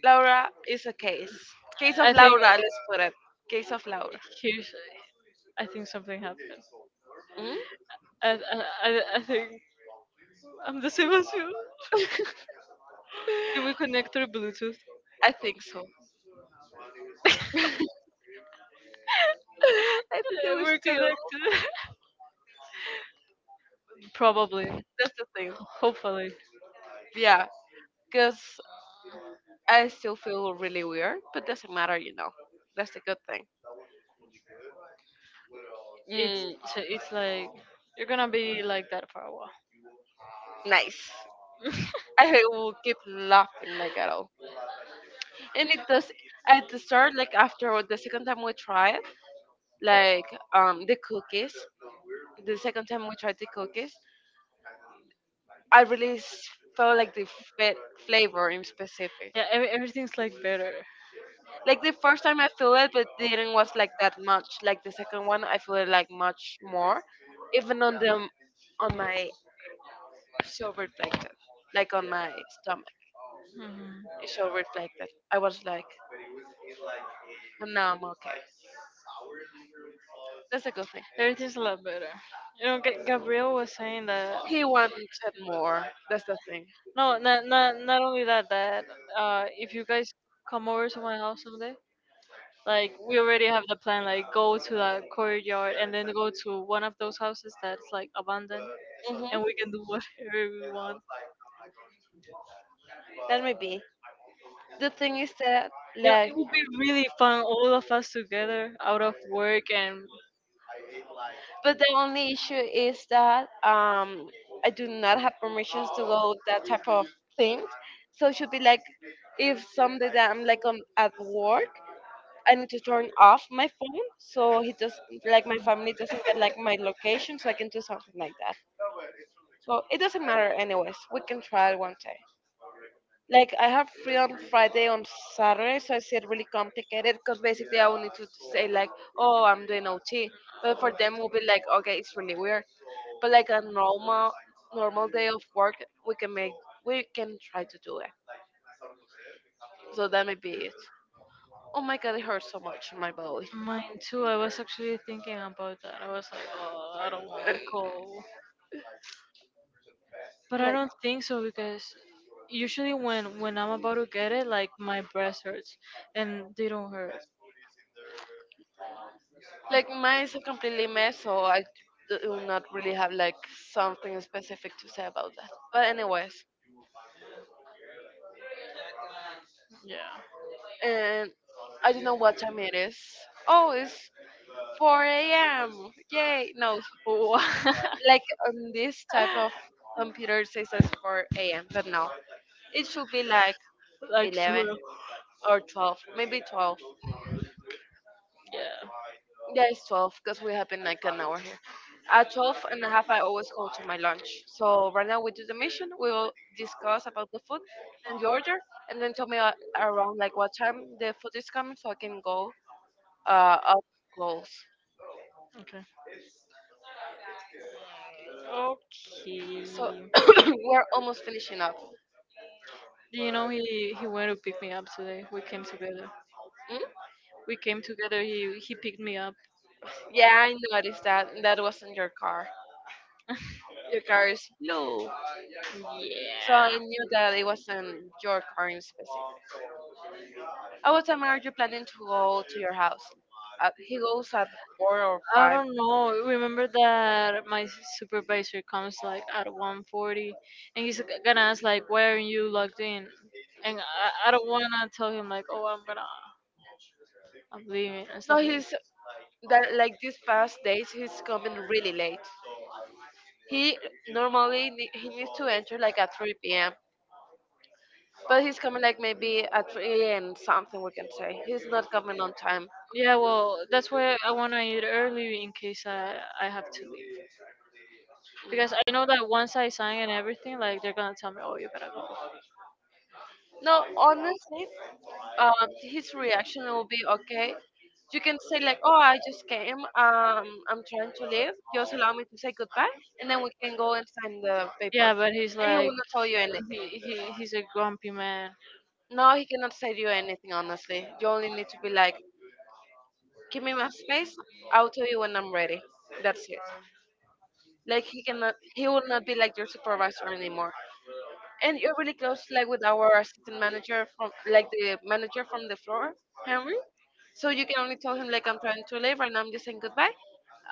[SPEAKER 1] Laura is a case. Case of
[SPEAKER 2] I think
[SPEAKER 1] Laura. Let's put it. Case of Laura.
[SPEAKER 2] he, I think something happened.
[SPEAKER 1] Hmm.
[SPEAKER 2] I think I'm the same as you. Did we connect through Bluetooth?
[SPEAKER 1] I think so. I think that
[SPEAKER 2] Yeah,
[SPEAKER 1] we
[SPEAKER 2] we're
[SPEAKER 1] still.
[SPEAKER 2] connected. Probably.
[SPEAKER 1] That's the thing.
[SPEAKER 2] Hopefully.
[SPEAKER 1] Yeah, because I still feel really weird, but doesn't matter, you know. That's the good thing.
[SPEAKER 2] It's
[SPEAKER 1] Mm,
[SPEAKER 2] it's like, you're gonna be like that for a while.
[SPEAKER 1] nice. I will keep laughing like at all. And it does at the start, like after the second time we tried, like the cookies. The second time we tried the cookies, I really felt like the fa- flavor in specific.
[SPEAKER 2] Yeah, everything's like better.
[SPEAKER 1] Like the first time I feel it, but didn't was like that much. Like the second one, I feel it like much more. Even on the on my so reflected, like on my stomach.
[SPEAKER 2] Hmm.
[SPEAKER 1] It so reflected. I was like, and now I'm okay. That's a good thing.
[SPEAKER 2] Everything's a lot better. You know, Gabriel was saying that.
[SPEAKER 1] He wanted more. That's the thing.
[SPEAKER 2] No, not only that. If you guys come over to my house someday, like, we already have the plan. Like, go to the courtyard and then go to one of those houses that's like abandoned,
[SPEAKER 1] Hmm.
[SPEAKER 2] and we can do whatever we want.
[SPEAKER 1] That may be. The thing is that,
[SPEAKER 2] Yeah,
[SPEAKER 1] like,
[SPEAKER 2] it would be really fun, all of us together, out of work. And
[SPEAKER 1] but the only issue is that I do not have permissions to go that type of thing. So it should be like, if someday that I'm like on at work, I need to turn off my phone so he doesn't like my family doesn't get like my location so I can do something like that. So it doesn't matter anyways. We can try it one day. Like I have free on Friday on Saturday, so it's said really complicated because basically I will need to say like, oh, I'm doing OT, but for them will be like, okay, it's really weird. But like a normal day of work, we can make we can try to do it. So that may be it. Oh my god, it hurts so much in my belly.
[SPEAKER 2] mine too. I was actually thinking about that. I was like, oh, I don't want to go. But I
[SPEAKER 1] Like.
[SPEAKER 2] don't think so because usually, when I'm about to get it, like my breast hurts, and they don't hurt.
[SPEAKER 1] Like mine is a completely mess, so I do not really have like something specific to say about that. But anyways,
[SPEAKER 2] Yeah.
[SPEAKER 1] and I don't know what time it is. Oh, it's 4 a.m. Yay! No,
[SPEAKER 2] Wha-
[SPEAKER 1] like on this type of computer it says it's 4 a.m. But no, it should be like
[SPEAKER 2] like, sort
[SPEAKER 1] 11
[SPEAKER 2] of.
[SPEAKER 1] or 12, maybe 12.
[SPEAKER 2] Yeah.
[SPEAKER 1] Yeah, it's 12 because we have been like an hour here. At 12 and a half, I always go to my lunch. So right now we do the mission. We will discuss about the food and the order, and then tell me around like what time the food is coming so I can go up goals.
[SPEAKER 2] Okay.
[SPEAKER 1] So
[SPEAKER 2] Okay.
[SPEAKER 1] we're almost finishing up.
[SPEAKER 2] Do you know he went to pick me up today? We came together.
[SPEAKER 1] Mm?
[SPEAKER 2] We came together. He picked me up.
[SPEAKER 1] Yeah, I noticed that. That was in your car.
[SPEAKER 2] Yeah.
[SPEAKER 1] Your car is. So I knew that it wasn't your car in specific. At what time are you planning to go to your house? He goes at four or
[SPEAKER 2] I
[SPEAKER 1] five.
[SPEAKER 2] don't know. Remember that my supervisor comes like at 1:40, and he's gonna ask like, "Why aren't you logged in?" And I don't wanna tell him like, "Oh, I'm leaving" and
[SPEAKER 1] No,
[SPEAKER 2] stuff like.
[SPEAKER 1] he's that like these past days he's coming really late. He normally he needs to enter like at 3 p.m. But he's coming like maybe at 3 and something, we can say. He's not coming on time.
[SPEAKER 2] Yeah, well, that's why I want to eat early in case I have to leave.
[SPEAKER 1] Mm.
[SPEAKER 2] Because I know that once I sign and everything, like, they're gonna tell me, "Oh, you gotta go."
[SPEAKER 1] No, honestly, his reaction will be okay. You can say like, "Oh, I just came. I'm trying to leave. Just allow me to say goodbye, and then we can go and sign the paper."
[SPEAKER 2] Yeah, but he's
[SPEAKER 1] And he will
[SPEAKER 2] like,
[SPEAKER 1] not tell you anything.
[SPEAKER 2] he, he's a grumpy man.
[SPEAKER 1] No, he cannot tell you anything. Honestly, you only need to be like, "Give me my space. I'll tell you when I'm ready." That's it. Like he cannot, he will not be like your supervisor anymore. And you're really close, like with our assistant manager from, like the manager from the floor, Henry. So you can only tell him like I'm trying to leave and I'm just saying goodbye.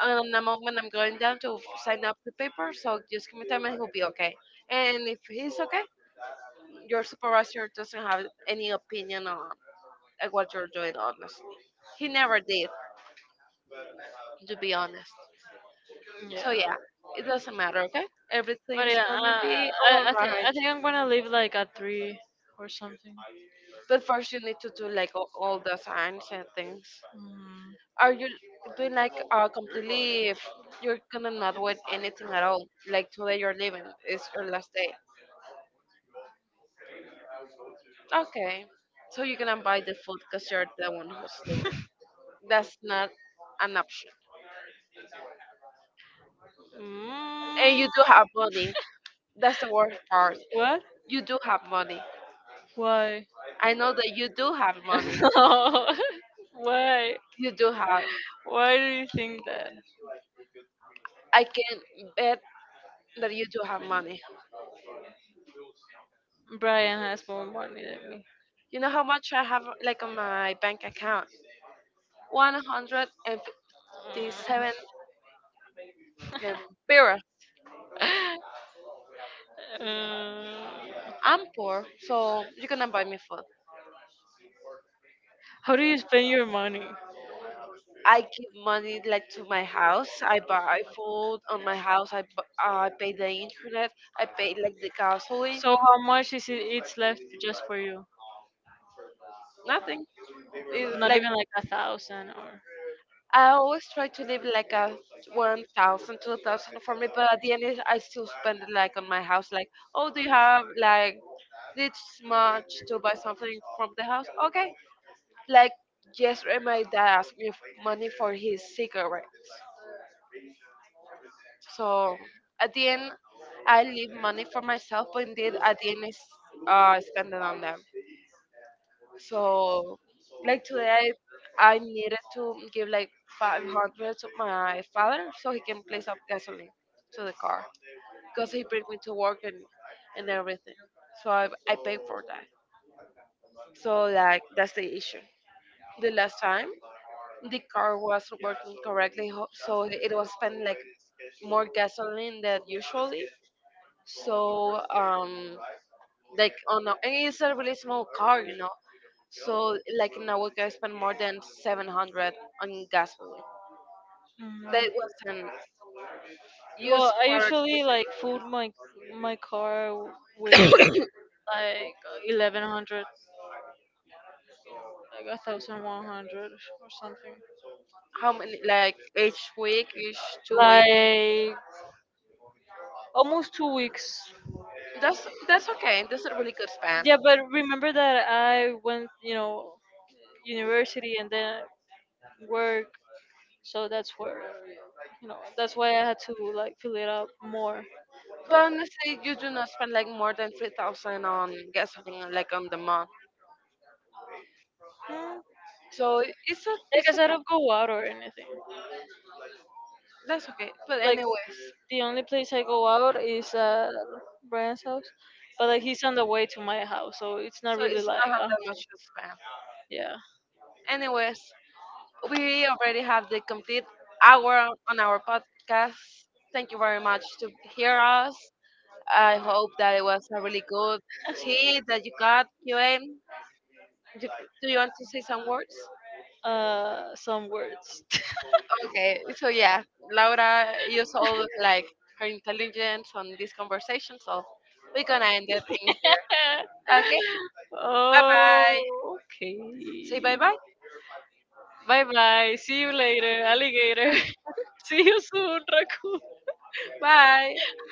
[SPEAKER 1] And the moment I'm going down to sign up the paper, so just give me time and he'll be okay. And if he's okay, your supervisor doesn't have any opinion on what you're doing, honestly. He never did, to be honest.
[SPEAKER 2] Yeah.
[SPEAKER 1] So yeah, it doesn't matter, okay? Everything
[SPEAKER 2] But
[SPEAKER 1] is
[SPEAKER 2] yeah,
[SPEAKER 1] gonna be
[SPEAKER 2] I, I, think,
[SPEAKER 1] alright.
[SPEAKER 2] I think I'm gonna leave like at 3 or something.
[SPEAKER 1] But first you need to do like all the signs and things.
[SPEAKER 2] Mm.
[SPEAKER 1] Are you doing like completely if you're gonna not wait anything at all? Like today you're leaving, it's your last day. Okay, so you're gonna buy the food because you're the one who's leaving. That's not an option. And
[SPEAKER 2] Mm.
[SPEAKER 1] you do have money. That's the worst part.
[SPEAKER 2] What?
[SPEAKER 1] You do have money.
[SPEAKER 2] Why?
[SPEAKER 1] I know that you do have money.
[SPEAKER 2] No. Why?
[SPEAKER 1] You do have.
[SPEAKER 2] Why do you think that
[SPEAKER 1] I can bet that you do have money.
[SPEAKER 2] Brian has more money than me?
[SPEAKER 1] You know how much I have, like on my bank account? 157 lempira.
[SPEAKER 2] Mm. Uh,
[SPEAKER 1] I'm poor, so you're gonna buy me food.
[SPEAKER 2] how do you spend your money?
[SPEAKER 1] I give money like to my house. I buy food on my house. I pay the internet. I pay like the gasoline.
[SPEAKER 2] So, how much is it? It's left just for you?
[SPEAKER 1] Nothing. It,
[SPEAKER 2] Not
[SPEAKER 1] like,
[SPEAKER 2] even like 1,000 or.
[SPEAKER 1] I always try to live like a 1,000, 2,000 for me. But at the end, it- I still spend it, like on my house. Like, oh, do you have like this much to buy something from the house? Okay. Like yesterday, my dad asked me money for his cigarettes. So at the end, I leave money for myself, but indeed at the end, I spend it on them. So like today, I needed to give like 500 to my father so he can place up gasoline to the car because he bring me to work and everything. So I pay for that. So like that's the issue. The last time the car was working correctly, so it was spending like more gasoline than usually. So um, like on a, and it's a really small car, so like in a week I spent more than 700 on gasoline
[SPEAKER 2] Mm.
[SPEAKER 1] that wasn't used
[SPEAKER 2] Well, I
[SPEAKER 1] for.
[SPEAKER 2] usually like food my car with like 1100, like 1100 or something,
[SPEAKER 1] How many, like each week, each 2 weeks?
[SPEAKER 2] like almost 2 weeks.
[SPEAKER 1] That's okay, that's a really good span.
[SPEAKER 2] Yeah, but remember that I went, university, and then work, so that's where you know that's why I had to like fill it up more.
[SPEAKER 1] But honestly you do not spend like more than 3,000 on gasoline like on the month,
[SPEAKER 2] Hmm.
[SPEAKER 1] so it's a,
[SPEAKER 2] Like
[SPEAKER 1] it's.
[SPEAKER 2] I said, I don't go out or anything
[SPEAKER 1] That's okay. But
[SPEAKER 2] like
[SPEAKER 1] anyways,
[SPEAKER 2] The only place I go out is at Brian's house, but like, he's on the way to my house, so it's not
[SPEAKER 1] so
[SPEAKER 2] really
[SPEAKER 1] it's
[SPEAKER 2] like
[SPEAKER 1] that
[SPEAKER 2] uh,
[SPEAKER 1] much to spend.
[SPEAKER 2] Yeah.
[SPEAKER 1] Anyways, we already have the complete hour on our podcast. Thank you very much to hear us. I hope that it was a really good tea that you got, QA. Do do you want to say some words?
[SPEAKER 2] Some words.
[SPEAKER 1] Okay, so yeah, Laura used all like her intelligence on this conversation, so we're gonna end it in here. Okay, bye bye.
[SPEAKER 2] Oh, okay.
[SPEAKER 1] Say bye bye.
[SPEAKER 2] Bye bye. See you later, alligator. See you soon, raccoon.
[SPEAKER 1] Bye.